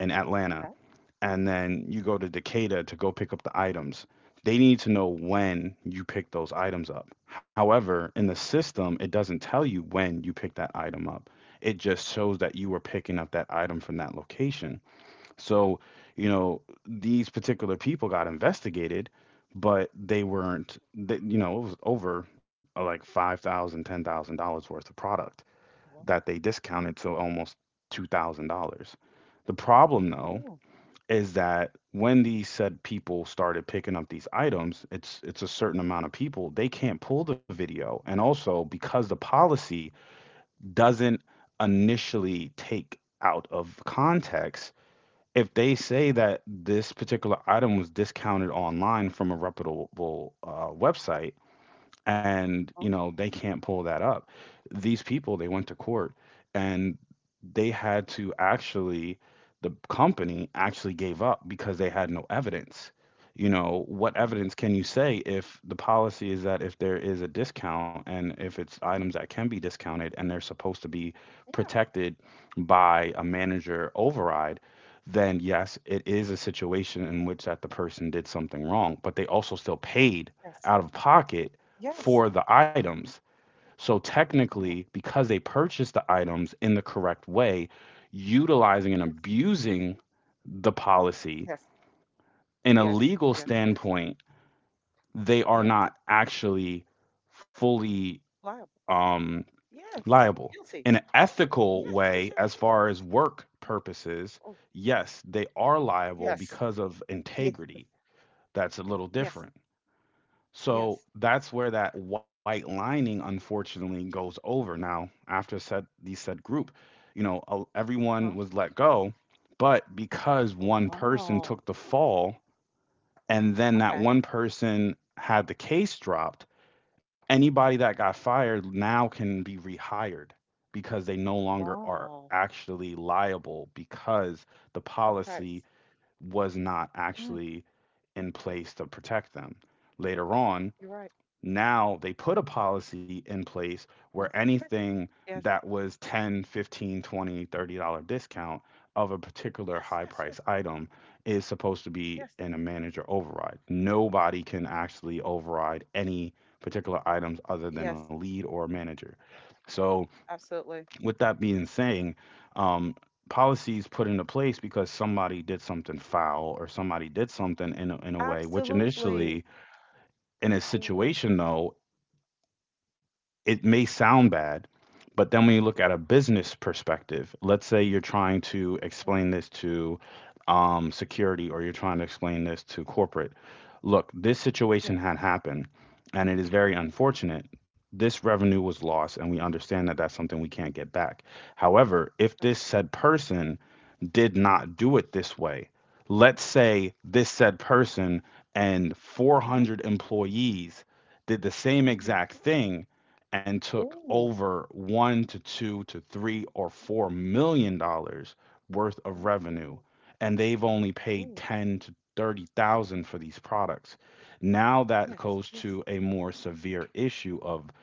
Speaker 1: and Atlanta,
Speaker 2: okay.
Speaker 1: and then you go to Decatur to go pick up the items. They need to know when you pick those items up. However, in the system, it doesn't tell you when you pick that item up. It just shows that you were picking up that item from that location. So, you know, these particular people got investigated, but they weren't, they, you know, it was over like $5,000, $10,000 worth of product that
Speaker 2: Wow.
Speaker 1: they discounted to almost $2,000. The problem, though,
Speaker 2: Ooh,
Speaker 1: is that when these said people started picking up these items, it's a certain amount of people, they can't pull the video. And also because the policy doesn't initially take out of context, if they say that this particular item was discounted online from a reputable website, and you
Speaker 2: oh,
Speaker 1: know they can't pull that up, these people, they went to court, and they had to actually, the company actually gave up because they had no evidence. You know, what
Speaker 2: mm.
Speaker 1: evidence can you say if the policy is that if there is a discount, and if it's items that can be discounted and they're supposed to be
Speaker 2: Yeah.
Speaker 1: protected by a manager override? Then yes, it is a situation in which that the person did something wrong, but they also still paid
Speaker 2: Yes.
Speaker 1: out of pocket
Speaker 2: Yes.
Speaker 1: for the items. So technically,
Speaker 2: Oh,
Speaker 1: because they purchased the items in the correct way, utilizing and
Speaker 2: yes.
Speaker 1: abusing the policy,
Speaker 2: Yes.
Speaker 1: in a
Speaker 2: Yes.
Speaker 1: legal
Speaker 2: Yes. Yes.
Speaker 1: standpoint, they are
Speaker 2: Yes.
Speaker 1: not actually fully,
Speaker 2: Liable.
Speaker 1: um,
Speaker 2: Yes.
Speaker 1: liable.
Speaker 2: Guilty.
Speaker 1: In an ethical
Speaker 2: Yes, yes,
Speaker 1: way,
Speaker 2: yes.
Speaker 1: as far as work
Speaker 2: Okay.
Speaker 1: purposes,
Speaker 2: Oh,
Speaker 1: yes, they are liable
Speaker 2: yes,
Speaker 1: because of
Speaker 2: yes,
Speaker 1: integrity. That's a little
Speaker 2: yes,
Speaker 1: different. So
Speaker 2: yes.
Speaker 1: that's where that white lining unfortunately goes over. Now, after said group, you know, everyone
Speaker 2: Huh?
Speaker 1: was let go, but because
Speaker 2: Oh,
Speaker 1: one person
Speaker 2: wow.
Speaker 1: took the fall and then that
Speaker 2: Okay.
Speaker 1: one person had the case dropped, anybody that got fired now can be rehired because they no longer are
Speaker 2: Wow.
Speaker 1: actually liable because the
Speaker 2: Okay.
Speaker 1: policy was not
Speaker 2: Mm,
Speaker 1: actually in place to protect them. Later on,
Speaker 2: you're right.
Speaker 1: now they put a policy in place where anything
Speaker 2: Yes,
Speaker 1: that was 10, 15, dollar discount of a particular
Speaker 2: yes,
Speaker 1: high
Speaker 2: yes,
Speaker 1: price
Speaker 2: yes,
Speaker 1: item is supposed to be
Speaker 2: yes,
Speaker 1: in a manager override. Nobody can actually override any particular items other than a
Speaker 2: yes.
Speaker 1: lead or a manager. So
Speaker 2: Absolutely.
Speaker 1: with that being saying, um, policies put into place because somebody did something foul or somebody did something in a way which initially,
Speaker 2: Absolutely.
Speaker 1: in a
Speaker 2: Absolutely.
Speaker 1: situation though, it may sound bad, but then when you look at a business perspective, let's say you're trying to explain
Speaker 2: Yes.
Speaker 1: this to, security, or you're trying to explain this to corporate. Look, this situation
Speaker 2: Yeah.
Speaker 1: had happened and it is very unfortunate. This revenue was lost,
Speaker 2: Yes.
Speaker 1: and we understand that that's something we can't get back. However, if this said
Speaker 2: Absolutely.
Speaker 1: person did not do it this way, let's say this said person and
Speaker 2: Mhm.
Speaker 1: 400 employees did the same
Speaker 2: Oh,
Speaker 1: exact thing and took
Speaker 2: oh,
Speaker 1: over $1 to $2 to $3 or $4 million worth of revenue,
Speaker 2: oh,
Speaker 1: and they've only paid
Speaker 2: oh.
Speaker 1: 10 to 30,000 for these products. Now that
Speaker 2: Yes,
Speaker 1: goes
Speaker 2: yes,
Speaker 1: to a more severe issue of,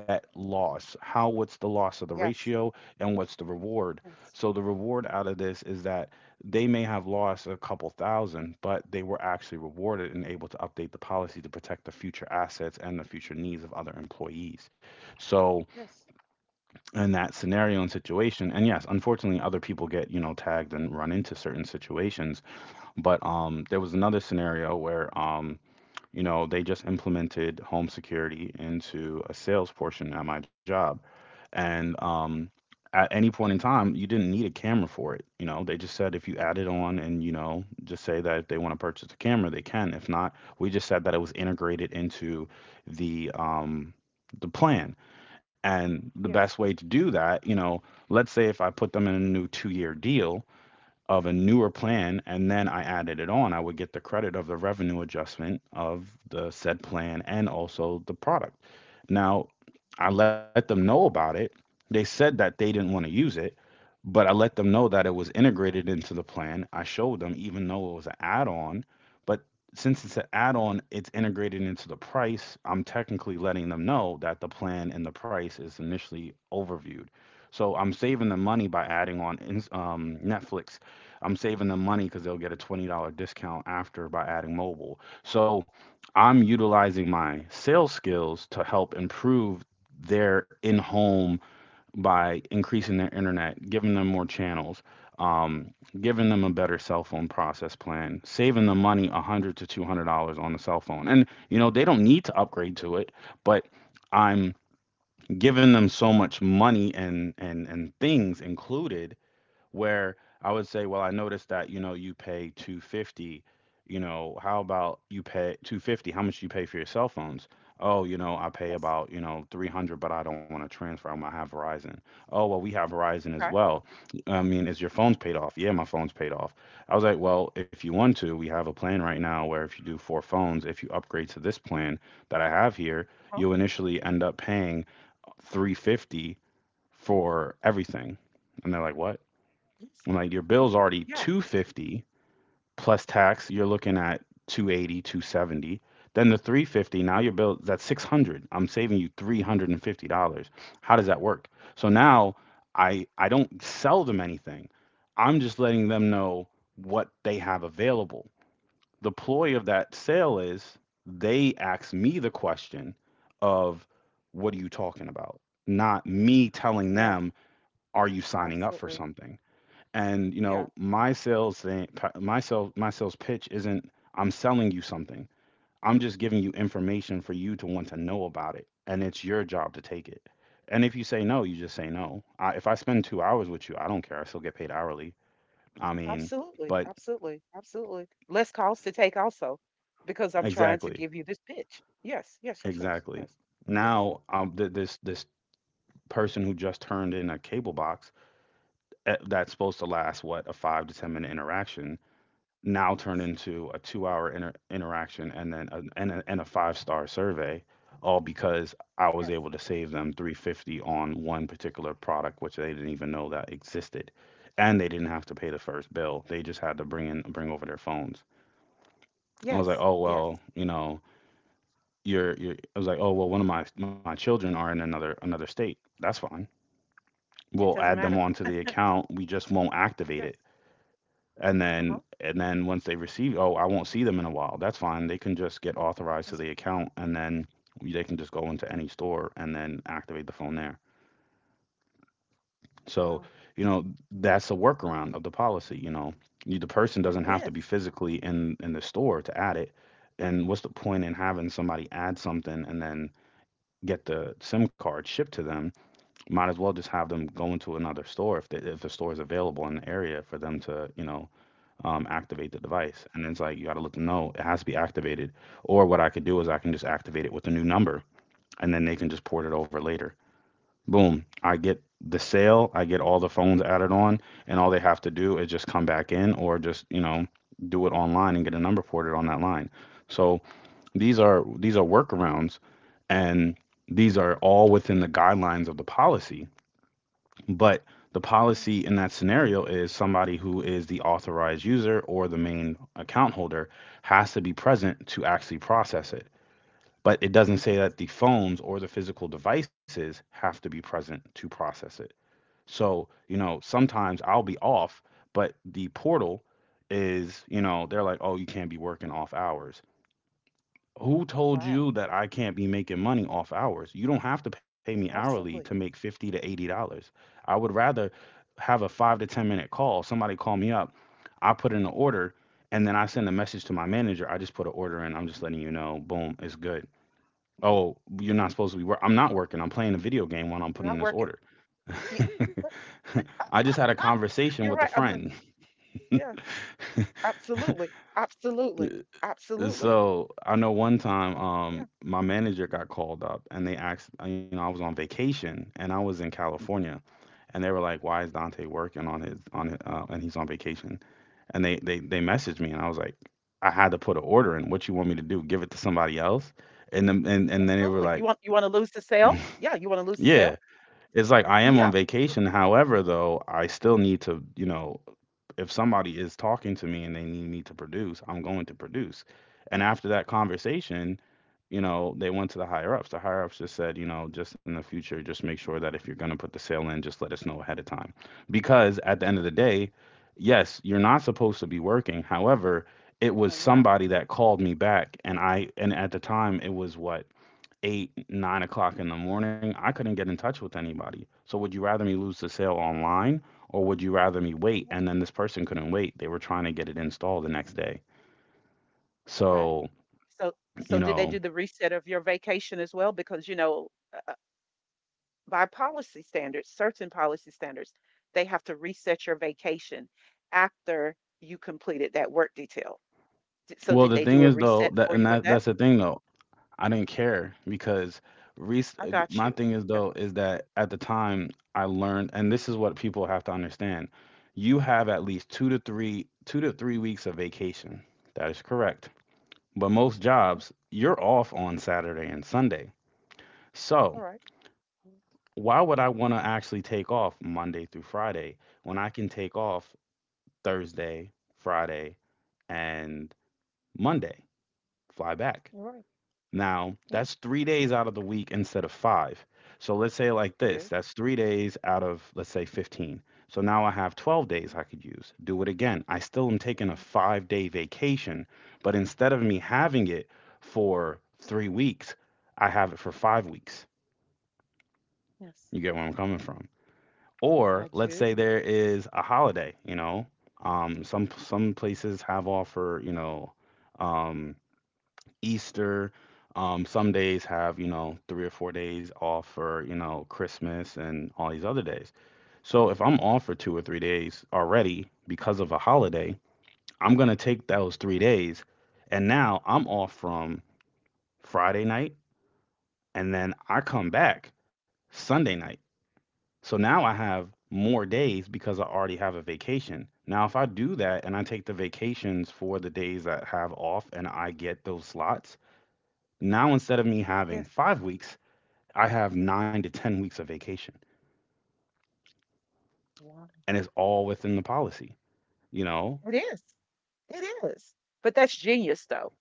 Speaker 1: that loss, how, what's the loss of the
Speaker 2: yes,
Speaker 1: ratio and what's the reward?
Speaker 2: yes,
Speaker 1: So the reward out of this is that they may have lost a couple thousand, but they were actually rewarded and able to update the policy to protect the future assets and the future needs of other employees. So
Speaker 2: yes,
Speaker 1: in that scenario and situation, and yes, unfortunately other people get, you know, tagged and run into certain situations. But there was another scenario where you know, they just implemented home security into a sales portion at my job. And at any point in time, you didn't need a camera for it. You know, they just said if you add it on and, you know, just say that if they want to purchase a camera, they can. If not, we just said that it was integrated into the um, the plan. And the
Speaker 2: yes.
Speaker 1: best way to do that, you know, let's say if I put them in a new 2 year deal, of a newer plan, and then I added it on, I would get the credit of the revenue adjustment of the said plan and also the product. Now,
Speaker 2: Okay.
Speaker 1: I let them know about it. They said that they didn't want to use it, but I let them know that it was integrated into the plan. I showed them, even though it was an add on, but since it's an add on, it's integrated into the price. I'm technically letting them know that the plan and the price is initially overviewed. So I'm saving the money by adding on Netflix. I'm saving them money because they'll get a $20 discount after by adding mobile. So I'm utilizing my sales skills to help improve their in home by increasing their internet, giving them more channels, um, giving them a better cell phone process plan, saving them money $100 to $200 on the cell phone. And, you know, they don't need to upgrade to it, but I'm giving them so much money and things included, where I would say, well, I noticed that, you know, how about you pay 250, how much do you pay for your cell phones? Oh, you know, I pay
Speaker 2: Yes.
Speaker 1: about, you know, 300, but I don't want to transfer. I'm gonna have Verizon. Oh, well, we have Verizon as
Speaker 2: Okay.
Speaker 1: well.
Speaker 2: Okay.
Speaker 1: I mean, is your phone's paid off? Yeah, my phone's paid off. I was like, well, if you want to, we have a plan right now where if you do 4 phones, if you upgrade to this plan that I have here,
Speaker 2: Huh?
Speaker 1: you'll initially end up paying 350 for everything. And they're like, what?
Speaker 2: Yes.
Speaker 1: Like, your
Speaker 2: Yeah.
Speaker 1: bill's already
Speaker 2: Yeah.
Speaker 1: 250 plus tax, you're looking at 280, 270, then the 350, now your bill, that's 600. I'm saving you $350. How does that work? So now, I don't sell them anything. I'm just letting them know what they have available. The ploy of that sale is they ask me the question of what are you talking about, not me telling
Speaker 2: Yes,
Speaker 1: them, are you signing up for
Speaker 2: absolutely.
Speaker 1: something? And you
Speaker 2: Yeah,
Speaker 1: know, my sales thing, my sales pitch isn't I'm selling you something. I'm just giving you information for you to want to know about it, and it's your job to take it. And if you say no, you just say no. I, if I spend 2 hours with you, I don't care. I still get paid hourly. I mean,
Speaker 2: absolutely,
Speaker 1: but
Speaker 2: absolutely, absolutely. Less calls to take also, because I'm trying to
Speaker 1: exactly,
Speaker 2: give you this pitch. Yes, yes, yes, yes,
Speaker 1: exactly.
Speaker 2: yes, yes,
Speaker 1: Now, this person who just turned in a cable box, that's supposed to last, what, a 5 to 10 minute interaction, now turn into a 2 hour interaction and then a five-star survey, all because I was
Speaker 2: yes, yes,
Speaker 1: able to save them 350 on one particular product which they didn't even know that existed. And they didn't have to pay the first bill, they just had to bring over their phones. I was like,
Speaker 2: yes,
Speaker 1: oh,
Speaker 2: yes.
Speaker 1: well, you know, you're I was like, oh, well, one of my children are in another state. That's fine,
Speaker 2: It
Speaker 1: we'll
Speaker 2: doesn't
Speaker 1: add them
Speaker 2: matter.
Speaker 1: onto the account, we just won't activate
Speaker 2: Yes.
Speaker 1: it. And
Speaker 2: Uh-huh.
Speaker 1: then, and then once they receive, oh, I won't see them in a while, that's fine, they can just get authorized to
Speaker 2: That's
Speaker 1: the account, and then they can just go into any store and then activate the phone there. So,
Speaker 2: wow.
Speaker 1: you know, that's a workaround of the policy, you know. You, the person
Speaker 2: It
Speaker 1: doesn't have to be
Speaker 2: is.
Speaker 1: physically in the store to add it. And what's the point in having somebody add something and then get the SIM card shipped to them? Might as well just have them go into another store if if the store is available in the area for them to, you know, activate the device. And it's like, you got to look, no, it has to be activated. Or what I could do is I can just activate it with a new number, and then they can just port it over later. Boom. I get the sale, I get all the phones added on, and all they have to do is just come back in or just, you know, do it online and get a number ported on that line. So
Speaker 2: You're-
Speaker 1: these are workarounds, and these are all within the guidelines of the policy, but the
Speaker 2: Yes,
Speaker 1: policy in that scenario is somebody who is the authorized user or the main account holder has to be present to actually process it. But it doesn't say
Speaker 2: yes.
Speaker 1: that the phones or the physical devices have to be present to process it. So, you know, sometimes I'll be off, but the portal is, you know, they're like, oh, you can't be working off hours. Who told
Speaker 2: Wow.
Speaker 1: you that I can't be making money off hours? You don't have to pay me hourly to make
Speaker 2: Absolutely.
Speaker 1: 50 to $80. I would rather have a 5 to 10 minute call. Somebody call me up, I put in an order, and then I send a message to my manager. I just put an order in. I'm just letting you know, boom, it's good. Oh, you're not supposed to be work. I'm not working. I'm playing a video game while I'm
Speaker 2: I'm
Speaker 1: putting
Speaker 2: not
Speaker 1: this
Speaker 2: working.
Speaker 1: order.
Speaker 2: Yeah,
Speaker 1: I just had a conversation
Speaker 2: you're
Speaker 1: with a
Speaker 2: right. I'm not.
Speaker 1: friend.
Speaker 2: Yeah, absolutely, absolutely, absolutely.
Speaker 1: So I know one time,
Speaker 2: Yeah,
Speaker 1: my manager got called up and they asked, you know, I was on vacation and I was in California, and they were like, "Why is Dante working on his, and he's on vacation?" And they messaged me and I was like, "I had to put an order in. What you want me to do? Give it to somebody else?" And then they were
Speaker 2: absolutely.
Speaker 1: like,
Speaker 2: You want to lose the sale? Yeah, you want to lose the
Speaker 1: "Yeah."
Speaker 2: sale?
Speaker 1: It's like, I am on
Speaker 2: Yeah. Okay.
Speaker 1: vacation. However, though, I still need to, you know, if somebody is talking to me and they need me to produce, I'm going to produce. And after that conversation, you know, they went to the higher ups. The higher ups just said, you know, just in the future, just make sure that if you're going to put the sale in, just let us know ahead of time. Because at the end of the day, yes, you're not supposed
Speaker 2: No,
Speaker 1: to be working. However, it was
Speaker 2: no, you're not.
Speaker 1: somebody that called me back, and I, and at the time it was what, 8, 9 o'clock in the morning, I couldn't get in touch with anybody. So would you rather me lose the sale online, or would you rather me wait?
Speaker 2: Okay.
Speaker 1: And then this person couldn't wait. They were trying to get it installed the next day.
Speaker 2: Okay.
Speaker 1: So,
Speaker 2: So,
Speaker 1: you
Speaker 2: so did they
Speaker 1: know,
Speaker 2: do the reset of your vacation as well? Because, you know, uh, uh, by policy standards, certain policy standards, they have to reset your vacation after you completed that work detail. So
Speaker 1: well,
Speaker 2: did
Speaker 1: the
Speaker 2: they do
Speaker 1: thing
Speaker 2: a
Speaker 1: is though,
Speaker 2: reset
Speaker 1: that,
Speaker 2: for
Speaker 1: and
Speaker 2: you with that?
Speaker 1: that's the thing though. I didn't care because res-
Speaker 2: I got
Speaker 1: my
Speaker 2: you.
Speaker 1: thing is
Speaker 2: Got
Speaker 1: though is that at the time I learned, and this is what people have to understand. You have at least 2 to 3 weeks of vacation. That is correct. But most jobs, you're off on Saturday and Sunday.
Speaker 2: you.
Speaker 1: So
Speaker 2: All right.
Speaker 1: why would I want to actually take off Monday through Friday when I can take off Thursday, Friday, and Monday, fly back?
Speaker 2: All right.
Speaker 1: Now,
Speaker 2: Yeah,
Speaker 1: that's 3 days out of the week instead of 5. So let's say like
Speaker 2: it
Speaker 1: this,
Speaker 2: is.
Speaker 1: that's 3 days out of, let's say, 15. So now I have 12
Speaker 2: Mhm.
Speaker 1: days I could use. Do it again. I still am taking a
Speaker 2: Absolutely.
Speaker 1: 5 day vacation, but instead of me having it for 3 weeks, I have it for 5 weeks.
Speaker 2: Yes,
Speaker 1: You get where I'm coming from.
Speaker 2: I
Speaker 1: Or let's say
Speaker 2: do.
Speaker 1: there is a holiday, you know, some places have off for, you know, um, Easter. Some days have, you know, 3 or 4 days off for, you know, Christmas and all these other days. So if I'm off for 2 or 3 days already because of a holiday, I'm going to take those 3 days. And now I'm off from Friday night, and then I come back Sunday night. So now I have more days because I already have a vacation. Now, if I do that and I take the vacations for the days that have off and I get those slots. Now, instead of me having
Speaker 2: Yes.
Speaker 1: 5 weeks, I have 9 to 10 weeks of vacation,
Speaker 2: Wow.
Speaker 1: and it's all within the policy, you know?
Speaker 2: It is. It is. But that's genius, though.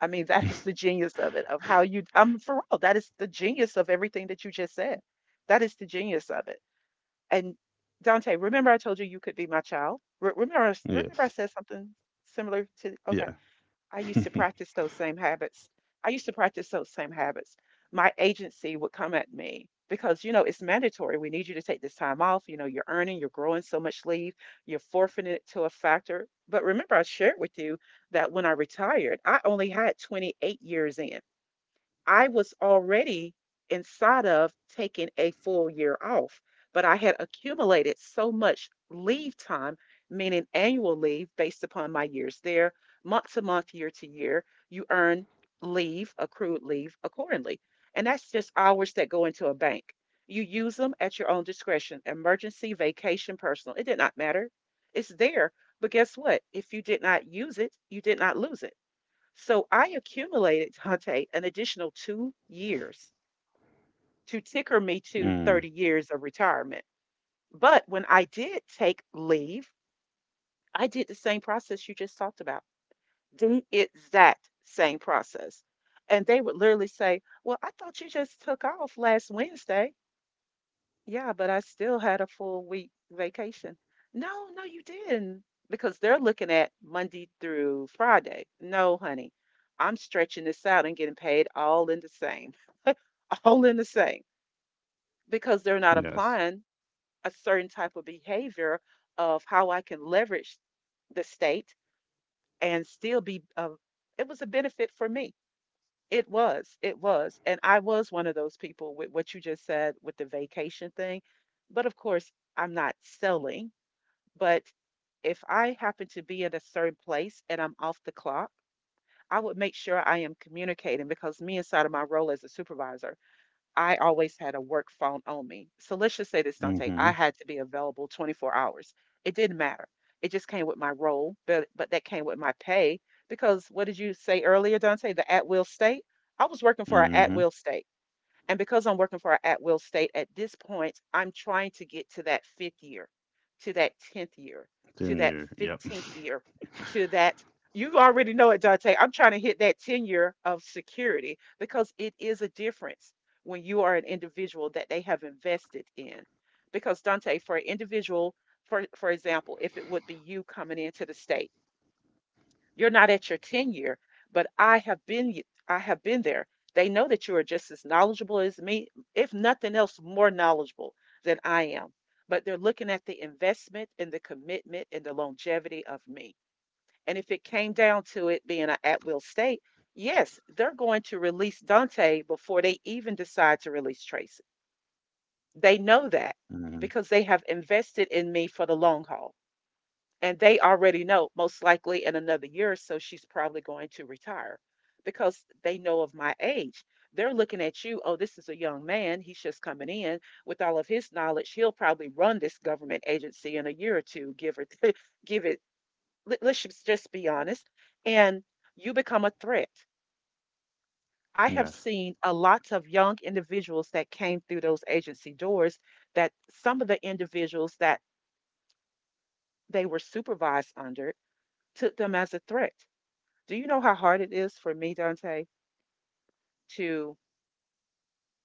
Speaker 2: I mean, that is the genius of it, of how you, I'm for real. That is the genius of everything that you just said. That is the genius of it. And Dante, remember I told you you could be my child? Remember, I remember I
Speaker 1: Yes.
Speaker 2: said something similar to, okay.
Speaker 1: Yeah.
Speaker 2: I used to practice those same habits. I used to practice those same habits. My agency would come at me because, you know, it's mandatory. We need you to take this time off. You know, you're earning, you're growing so much leave, you're forfeiting it to a factor. But remember, I shared with you that when I retired, I only had 28 years in. I was already inside of taking a full year off, but I had accumulated so much leave time, meaning annual leave based upon my years there, month to month, year to year. You earn leave, accrued leave accordingly. And that's just hours that go into a bank. You use them at your own discretion emergency, vacation, personal. It did not matter. It's there. But guess what? If you did not use it, you did not lose it. So I accumulated, Dante, an additional 2 years to ticker me to
Speaker 1: Mm,
Speaker 2: 30 years of retirement. But when I did take leave, I did the same process you just talked about, the exact same process. And they would literally say, well, I thought you just took off last Wednesday. Yeah, but I still had a full week vacation. No, no, you didn't. Because they're looking at Monday through Friday. No, honey, I'm stretching this out and getting paid all in the same. All in the same because they're not
Speaker 1: yes.
Speaker 2: applying a certain type of behavior of how I can leverage the state and still be it was a benefit for me. It was. It was. And I was one of those people with what you just said with the vacation thing. But of course, I'm not selling, but if I happen to be in a certain place and I'm off the clock, I would make sure I am communicating because me inside of my role as a supervisor, I always had a work phone on me. So let's just say this, Dante. I
Speaker 1: Mm-hmm.
Speaker 2: had to be available 24 hours. It didn't matter. It just came with my role, but that came with my pay because what did you say earlier, Dante? The at will state. I was working for an at
Speaker 1: Mm-hmm.
Speaker 2: will state. And because I'm working for an at-will state at this point, I'm trying to get to that fifth year, to that 10th year, to
Speaker 1: Then
Speaker 2: that
Speaker 1: you're, yep.
Speaker 2: 15th year, to that. You already know it, Dante. I'm trying to hit that 10 year of security because it is a difference when you are an individual that they have invested in. Because, Dante, for an individual, for example, if it would be you coming into the state, you're not at your tenure, but I have been I have been there. They know that you are just as knowledgeable as me, if nothing else, more knowledgeable than I am. But they're looking at the investment and the commitment and the longevity of me. And if it came down to it being an at-will state, yes, they're going to release Dante before they even decide to release Tracy. They know that
Speaker 1: Mm-hmm.
Speaker 2: because they have invested in me for the long haul. And they already know, most likely in another year or so, she's probably going to retire because they know of my age. They're looking at you, oh, this is a young man. He's just coming in with all of his knowledge. He'll probably run this government agency in a year or two, give or give it. Let's just be honest. And you become a threat. I have
Speaker 1: Yes.
Speaker 2: seen a lot of young individuals that came through those agency doors that some of the individuals that they were supervised under took them as a threat. Do you know how hard it is for me, Dante, to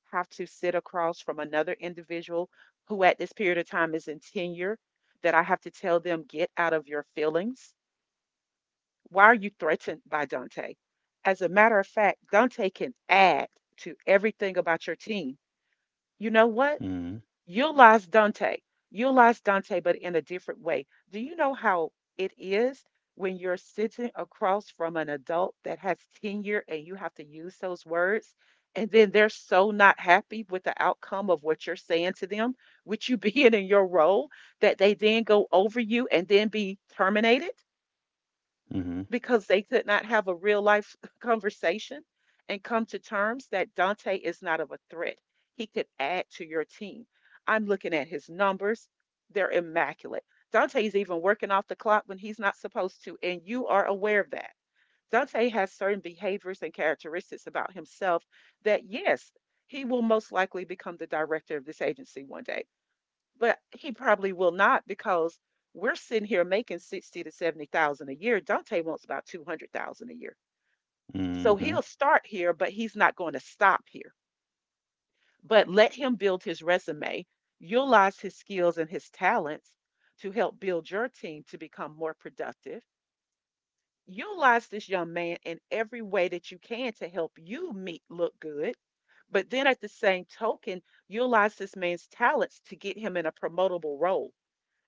Speaker 2: have to sit across from another individual who, at this period of time, is in tenure, that I have to tell them, get out of your feelings? Why are you threatened by Dante? As a matter of fact, Dante can add to everything about your team. You know what?
Speaker 1: Mm-hmm.
Speaker 2: Utilize Dante. Utilize Dante, but in a different way. Do you know how it is when you're sitting across from an adult that has tenure and you have to use those words? And then they're so not happy with the outcome of what you're saying to them, with you being in your role, that they then go over you and then be terminated
Speaker 1: Mm-hmm.
Speaker 2: because they could not have a real life conversation and come to terms that Dante is not of a threat. He could add to your team. I'm looking at his numbers, they're immaculate. Dante's even working off the clock when he's not supposed to, and you are aware of that. Dante has certain behaviors and characteristics about himself that, yes, he will most likely become the director of this agency one day. But he probably will not because we're sitting here making 60 to 70,000 a year. Dante wants about 200,000 a year. So he'll
Speaker 1: Mm-hmm.
Speaker 2: start here, but he's not going to stop here. But let him build his resume, utilize his skills and his talents to help build your team to become more productive. Utilize this young man in every way that you can to help you meet look good. But then at the same token, utilize this man's talents to get him in a promotable role.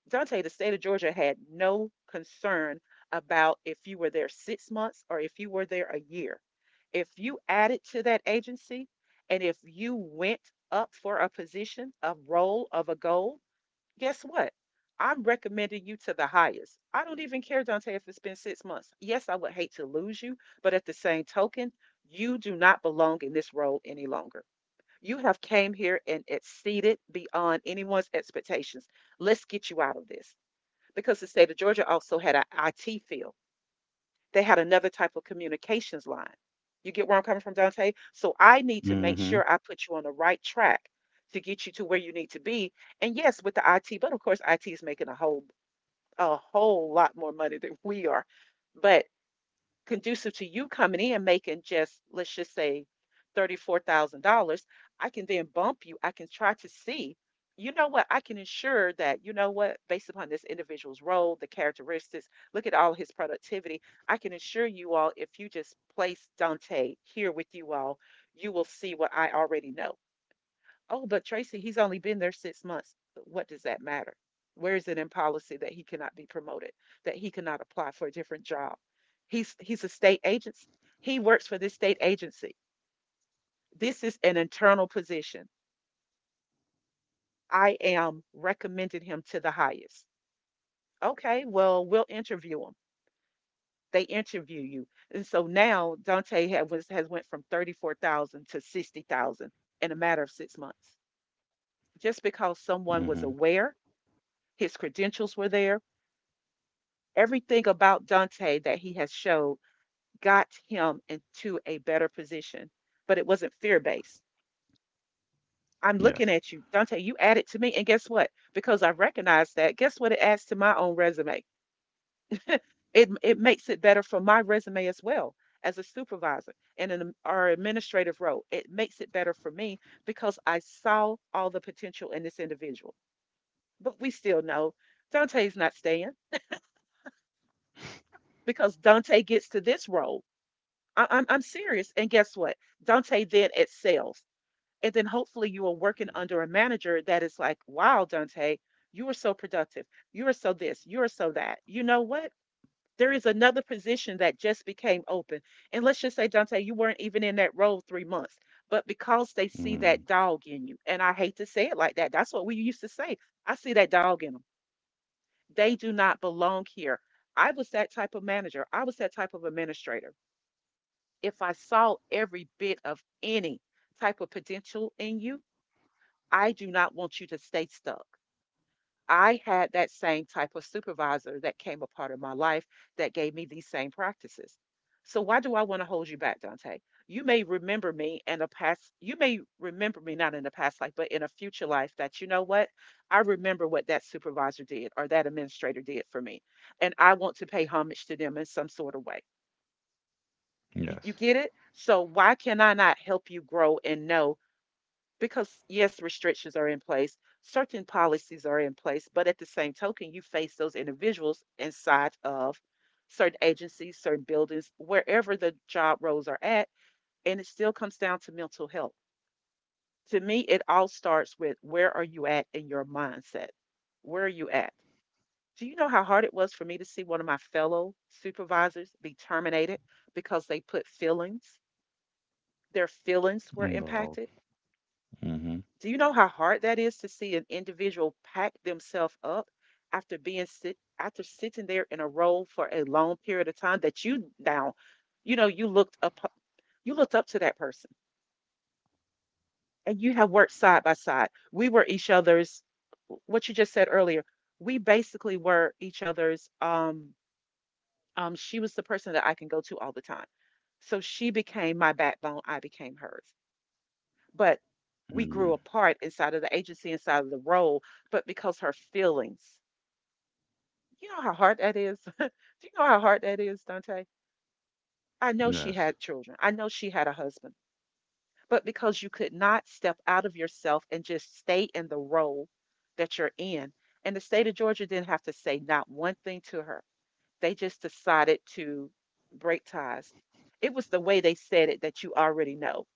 Speaker 2: Dante, the state of Georgia had no concern about if you were there 6 months or if you were there a year. If you added to that agency and if you went up for a position, a role, of a goal, guess what? I'm recommending you to the highest. I don't even care, Dante, if it's been 6 months. Yes, I would hate to lose you, but at the same token, you do not belong in this role any longer. You have came here and exceeded beyond anyone's expectations. Let's get you out of this because the state of Georgia also had an IT field. They had another type of communications line. You get where I'm coming from, Dante? So I need to make
Speaker 1: Mm-hmm.
Speaker 2: sure I put you on the right track to get you to where you need to be. And yes, with the IT, but of course, IT is making a whole lot more money than we are. But conducive to you coming in making just, let's just say, $34,000, I can then bump you. I can try to see, you know what, I can ensure that, you know what, based upon this individual's role, the characteristics, look at all his productivity. I can assure you all, if you just place Dante here with you all, you will see what I already know. Oh, but Tracy, he's only been there 6 months. What does that matter? Where is it in policy that he cannot be promoted, that he cannot apply for a different job? He's a state agency. He works for this state agency. This is an internal position. I am recommending him to the highest. Okay, well, we'll interview him. They interview you. And so now Dante has went from 34,000 to 60,000 in a matter of 6 months. Just because
Speaker 1: Mm-hmm.
Speaker 2: someone was aware, his credentials were there, everything about Dante that he has showed got him into a better position, but it wasn't fear based. I'm
Speaker 1: Yes.
Speaker 2: looking at you, Dante, you added to me. And guess what? Because I recognize that, guess what it adds to my own resume? It makes it better for my resume as well as a supervisor and in our administrative role. It makes it better for me because I saw all the potential in this individual. But we still know Dante's not staying because Dante gets to this role. I'm serious. And guess what? Dante then excels. And then hopefully you are working under a manager that is like, wow, Dante, you are so productive. You are so this, you are so that. You know what? There is another position that just became open. And let's just say, Dante, you weren't even in that role 3 months. But because they see
Speaker 1: Mm-hmm.
Speaker 2: that dog in you, and I hate to say it like that, that's what we used to say. I see that dog in them. They do not belong here. I was that type of manager. I was that type of administrator. If I saw every bit of any type of potential in you, I do not want you to stay stuck. I had that same type of supervisor that came a part of my life that gave me these same practices. So why do I want to hold you back, Dante? You may remember me in a past, you may remember me not in a past life, but in a future life that you know what? I remember what that supervisor did or that administrator did for me. And I want to pay homage to them in some sort of way. You
Speaker 1: Yes.
Speaker 2: get it? So why can I not help you grow and know? Because yes, restrictions are in place, certain policies are in place, but at the same token, you face those individuals inside of certain agencies, certain buildings, wherever the job roles are at, and it still comes down to mental health. To me, it all starts with where are you at in your mindset? Where are you at? Do you know how hard it was for me to see one of my fellow supervisors be terminated because they put feelings their feelings were impacted.
Speaker 1: Involved. Mm-hmm.
Speaker 2: Do you know how hard that is to see an individual pack themselves up after being sit after sitting there in a row for a long period of time that you now, you know, you looked up you looked up to that person and you have worked side by side. We were each other's what you just said earlier. We basically were each other's she was the person that I can go to all the time. So she became my backbone, I became hers. But we grew
Speaker 1: Mm-hmm.
Speaker 2: apart inside of the agency, inside of the role, but because her feelings. You know how hard that is? Do you know how hard that is, Dante? I know she had
Speaker 1: Yes.
Speaker 2: children. I know she had a husband. But because you could not step out of yourself and just stay in the role that you're in, and the state of Georgia didn't have to say not one thing to her. They just decided to break ties. It was the way they said it that you already know,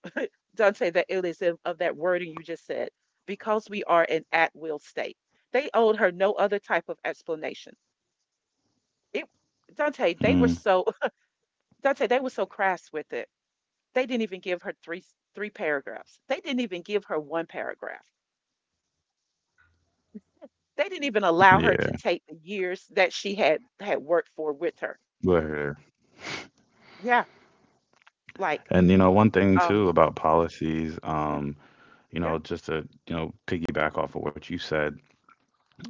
Speaker 2: Dante, not say the illness of, that wording you just said, because we are an at will state. They owed her no other type of explanation. It Dante, they were
Speaker 1: Mm.
Speaker 2: so Dante, they were so crass with it. They didn't even give her three paragraphs. They didn't even give her 1 paragraph. They didn't even allow her to
Speaker 1: Yeah.
Speaker 2: take the years that she had worked for with her.
Speaker 1: We're here.
Speaker 2: Yeah, like
Speaker 1: And one thing
Speaker 2: um
Speaker 1: too about policies,
Speaker 2: yeah, yeah,
Speaker 1: just to piggyback off of what you said,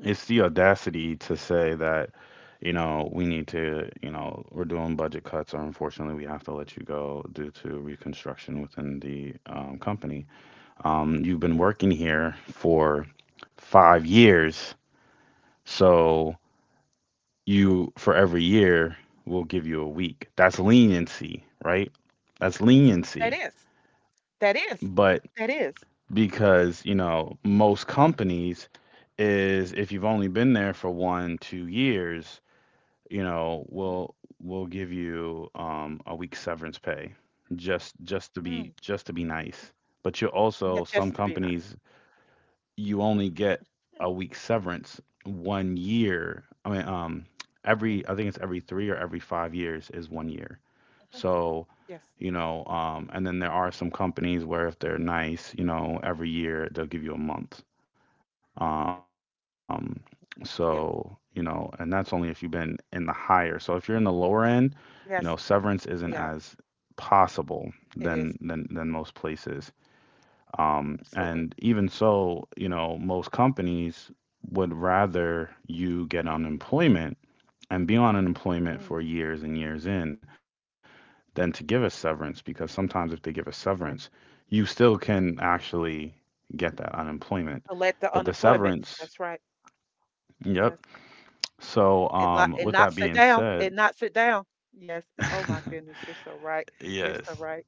Speaker 1: it's the audacity to say that, we need to, we're doing budget cuts, or unfortunately we have to let you go due to
Speaker 2: yeah,
Speaker 1: reconstruction within the company. You've been
Speaker 2: yes,
Speaker 1: working here for 5 years, so you, for every year, we will give you a week. That's leniency, right? That's
Speaker 2: yes. That
Speaker 1: leniency.
Speaker 2: is. That is.
Speaker 1: But
Speaker 2: That is.
Speaker 1: because most companies is, if you've only been there for one two years, we'll give you a week's severance pay,
Speaker 2: Mhm.
Speaker 1: just to be nice. But you
Speaker 2: Yeah,
Speaker 1: also, some
Speaker 2: just to be nice.
Speaker 1: companies you only get
Speaker 2: Mm,
Speaker 1: a week severance one year. I mean,
Speaker 2: yeah.
Speaker 1: every I think it's every three or every 5 years is one year.
Speaker 2: Uh-huh.
Speaker 1: So,
Speaker 2: Yes.
Speaker 1: and then there are some companies where, if they're nice, every year they'll give you a month. Um,
Speaker 2: Yep.
Speaker 1: and
Speaker 2: Yes.
Speaker 1: that's only if you've been in the higher. So if you're in the lower end, severance
Speaker 2: Yes.
Speaker 1: isn't as
Speaker 2: Yeah.
Speaker 1: possible than
Speaker 2: It
Speaker 1: than
Speaker 2: is.
Speaker 1: than most places. And
Speaker 2: Absolutely.
Speaker 1: even so, most companies would rather you get unemployment and be on unemployment
Speaker 2: Mm,
Speaker 1: for years and years in than to give a severance, because sometimes if they give a severance,
Speaker 2: right.
Speaker 1: you still can actually get that unemployment.
Speaker 2: To let the
Speaker 1: But the
Speaker 2: unemployment.
Speaker 1: severance,
Speaker 2: That's right.
Speaker 1: yep.
Speaker 2: Yes.
Speaker 1: So,
Speaker 2: It not it
Speaker 1: with that
Speaker 2: knocks it
Speaker 1: being
Speaker 2: down.
Speaker 1: said,
Speaker 2: It knocks it down. Yes. Oh my goodness. You're so right. You're so
Speaker 1: yes.
Speaker 2: right.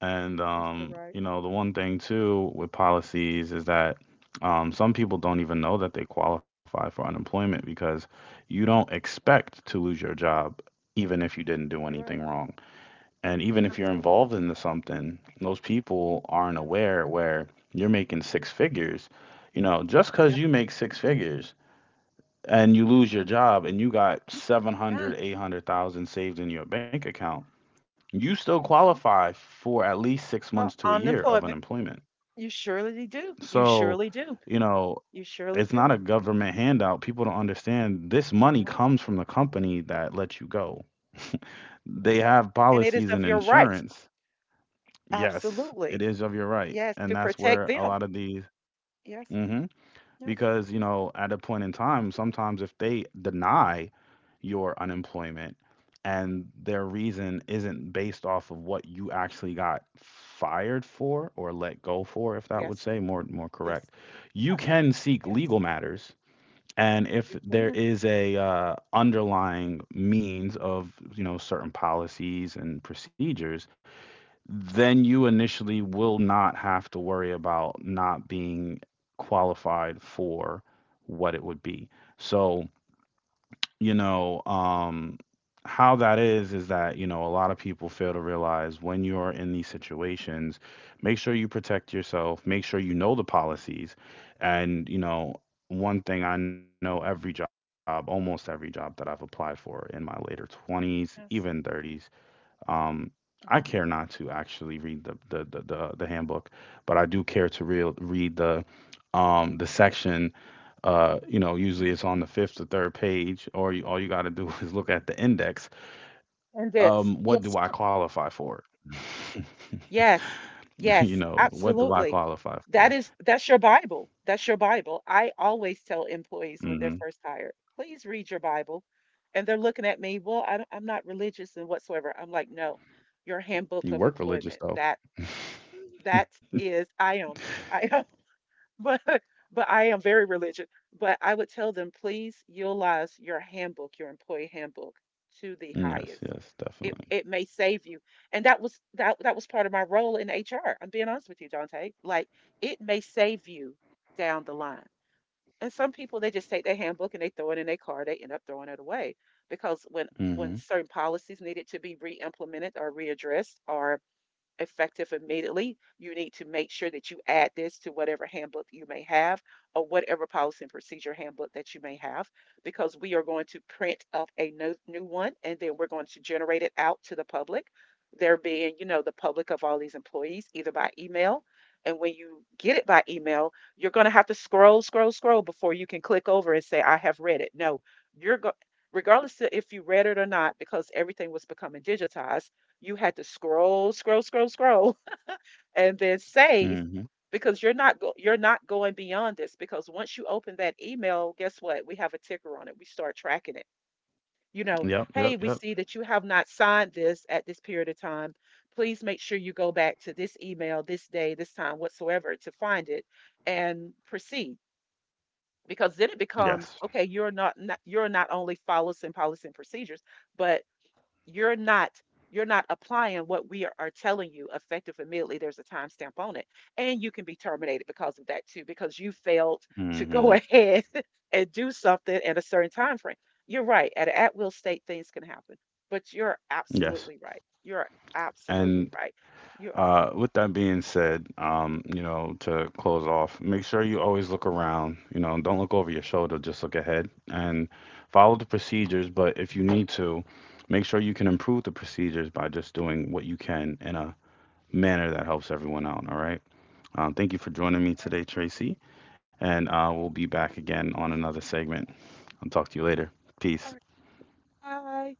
Speaker 1: And
Speaker 2: You're so right.
Speaker 1: the one thing too with policies is that, some people don't even know that they qualify for unemployment, because you don't
Speaker 2: Absolutely.
Speaker 1: expect to lose your job, even if you didn't do
Speaker 2: You're right.
Speaker 1: anything wrong. And even if you're
Speaker 2: Absolutely.
Speaker 1: involved into something, those people aren't
Speaker 2: Yes.
Speaker 1: aware, where you're making six figures. Just because
Speaker 2: Yep.
Speaker 1: you make six figures and you lose your
Speaker 2: Mm,
Speaker 1: job and you got 700,
Speaker 2: mm,
Speaker 1: 800,000 saved in your bank account, you still
Speaker 2: mhm.
Speaker 1: qualify for at least 6
Speaker 2: Well,
Speaker 1: months to a year of
Speaker 2: unemployment.
Speaker 1: unemployment.
Speaker 2: You surely do. You
Speaker 1: So
Speaker 2: surely do.
Speaker 1: you know
Speaker 2: You surely
Speaker 1: it's not
Speaker 2: do.
Speaker 1: a government handout. People don't understand, this
Speaker 2: It's
Speaker 1: money
Speaker 2: not.
Speaker 1: comes from the company that lets you go. They
Speaker 2: That's right.
Speaker 1: have
Speaker 2: And it is
Speaker 1: policies
Speaker 2: of
Speaker 1: and
Speaker 2: your right.
Speaker 1: insurance. Yes, it
Speaker 2: Absolutely.
Speaker 1: is of your right,
Speaker 2: Yes.
Speaker 1: and
Speaker 2: To
Speaker 1: that's
Speaker 2: protect
Speaker 1: where a
Speaker 2: them.
Speaker 1: lot of these.
Speaker 2: Yes.
Speaker 1: hmm
Speaker 2: Yes.
Speaker 1: because at a point in time, sometimes if they deny your unemployment and their
Speaker 2: Mhm.
Speaker 1: reason isn't based off of what you actually got fired for or let go for, if that would
Speaker 2: Yes.
Speaker 1: say more
Speaker 2: Yes.
Speaker 1: correct, you
Speaker 2: Yes.
Speaker 1: can seek
Speaker 2: Yes.
Speaker 1: legal matters. And if
Speaker 2: You
Speaker 1: there
Speaker 2: can.
Speaker 1: is a underlying means of certain policies and procedures, then
Speaker 2: Mhm.
Speaker 1: you initially will not have to worry about not being qualified for what it would be. So you
Speaker 2: Yeah.
Speaker 1: know, um, how that is that, a lot of people fail to realize when you're in these situations, make sure you protect yourself, make sure you know the policies. And, one thing I know, every job, almost every job that I've applied for in my later 20s, even
Speaker 2: Yes.
Speaker 1: 30s, um, I care not
Speaker 2: Mhm.
Speaker 1: to actually read the handbook, but I do care to real read the section, usually
Speaker 2: Mhm.
Speaker 1: it's on the fifth or third page, or all you got to do is look
Speaker 2: Mhm.
Speaker 1: at the index.
Speaker 2: And it's,
Speaker 1: What do
Speaker 2: yes.
Speaker 1: I qualify for?
Speaker 2: Yes.
Speaker 1: you
Speaker 2: Yes.
Speaker 1: know, what do I
Speaker 2: Absolutely.
Speaker 1: qualify for?
Speaker 2: That's your Bible. That's your Bible. I always tell employees when they're
Speaker 1: hmm
Speaker 2: first hired, please read your Bible. And they're looking at me, well, I'm not religious and whatsoever. I'm like, no, your handbook
Speaker 1: You
Speaker 2: of
Speaker 1: work religious
Speaker 2: employment.
Speaker 1: though.
Speaker 2: That
Speaker 1: Yes,
Speaker 2: that is I am. I am. But but I am very religious. But I would tell them, please utilize your handbook, your employee handbook, to the
Speaker 1: yes,
Speaker 2: highest.
Speaker 1: definitely.
Speaker 2: It may save you. And that was part of my role in HR. I'm being honest with you, Dante. Like it may save you down the line. And some people they just take their handbook and they throw it in their car. They end up throwing it away because when
Speaker 1: Hmm.
Speaker 2: certain policies needed to be re-implemented or readdressed or effective immediately. You need to make sure that you add this to whatever handbook you may have or whatever policy and procedure handbook that you may have, because we are going to print up a new one and then we're going to generate it out to the public. There being, the public of all these employees, either by email. And when you get it by email, you're going to have to scroll, scroll, scroll before you can click over and say, I have read it. No, you're going regardless of if you read it or not, because everything was becoming digitized, you had to scroll, scroll, scroll, scroll, and then save
Speaker 1: Hmm.
Speaker 2: because you're not going beyond this because once you open that email, guess what? We have a ticker on it. We start tracking it. You know,
Speaker 1: Yep,
Speaker 2: hey,
Speaker 1: yep,
Speaker 2: we
Speaker 1: yep.
Speaker 2: see that you have not signed this at this period of time. Please make sure you go back to this email this day, this time whatsoever to find it and proceed. Because then it becomes
Speaker 1: Yes.
Speaker 2: okay. You're not only follows and policy and procedures, but you're not you're not applying what we are telling you effective immediately. There's a timestamp on it and you can be terminated because of that too, because you failed to go
Speaker 1: Hmm.
Speaker 2: ahead and do something at a certain time frame. You're right, at an at-will state things can happen, but you're
Speaker 1: Yes.
Speaker 2: absolutely right, you're absolutely
Speaker 1: And
Speaker 2: right. You are all
Speaker 1: With that being said, to close off, make sure you always look around. Don't look over your shoulder, just look ahead and follow the procedures. But if you need to, make sure you can improve the procedures by just doing what you can in a manner that helps everyone out. All right. Thank you for joining me
Speaker 2: right,
Speaker 1: today, Tracy. And we'll
Speaker 2: there
Speaker 1: be back again on another
Speaker 2: we go.
Speaker 1: segment. I'll talk to you later. Peace.
Speaker 2: All right. Bye.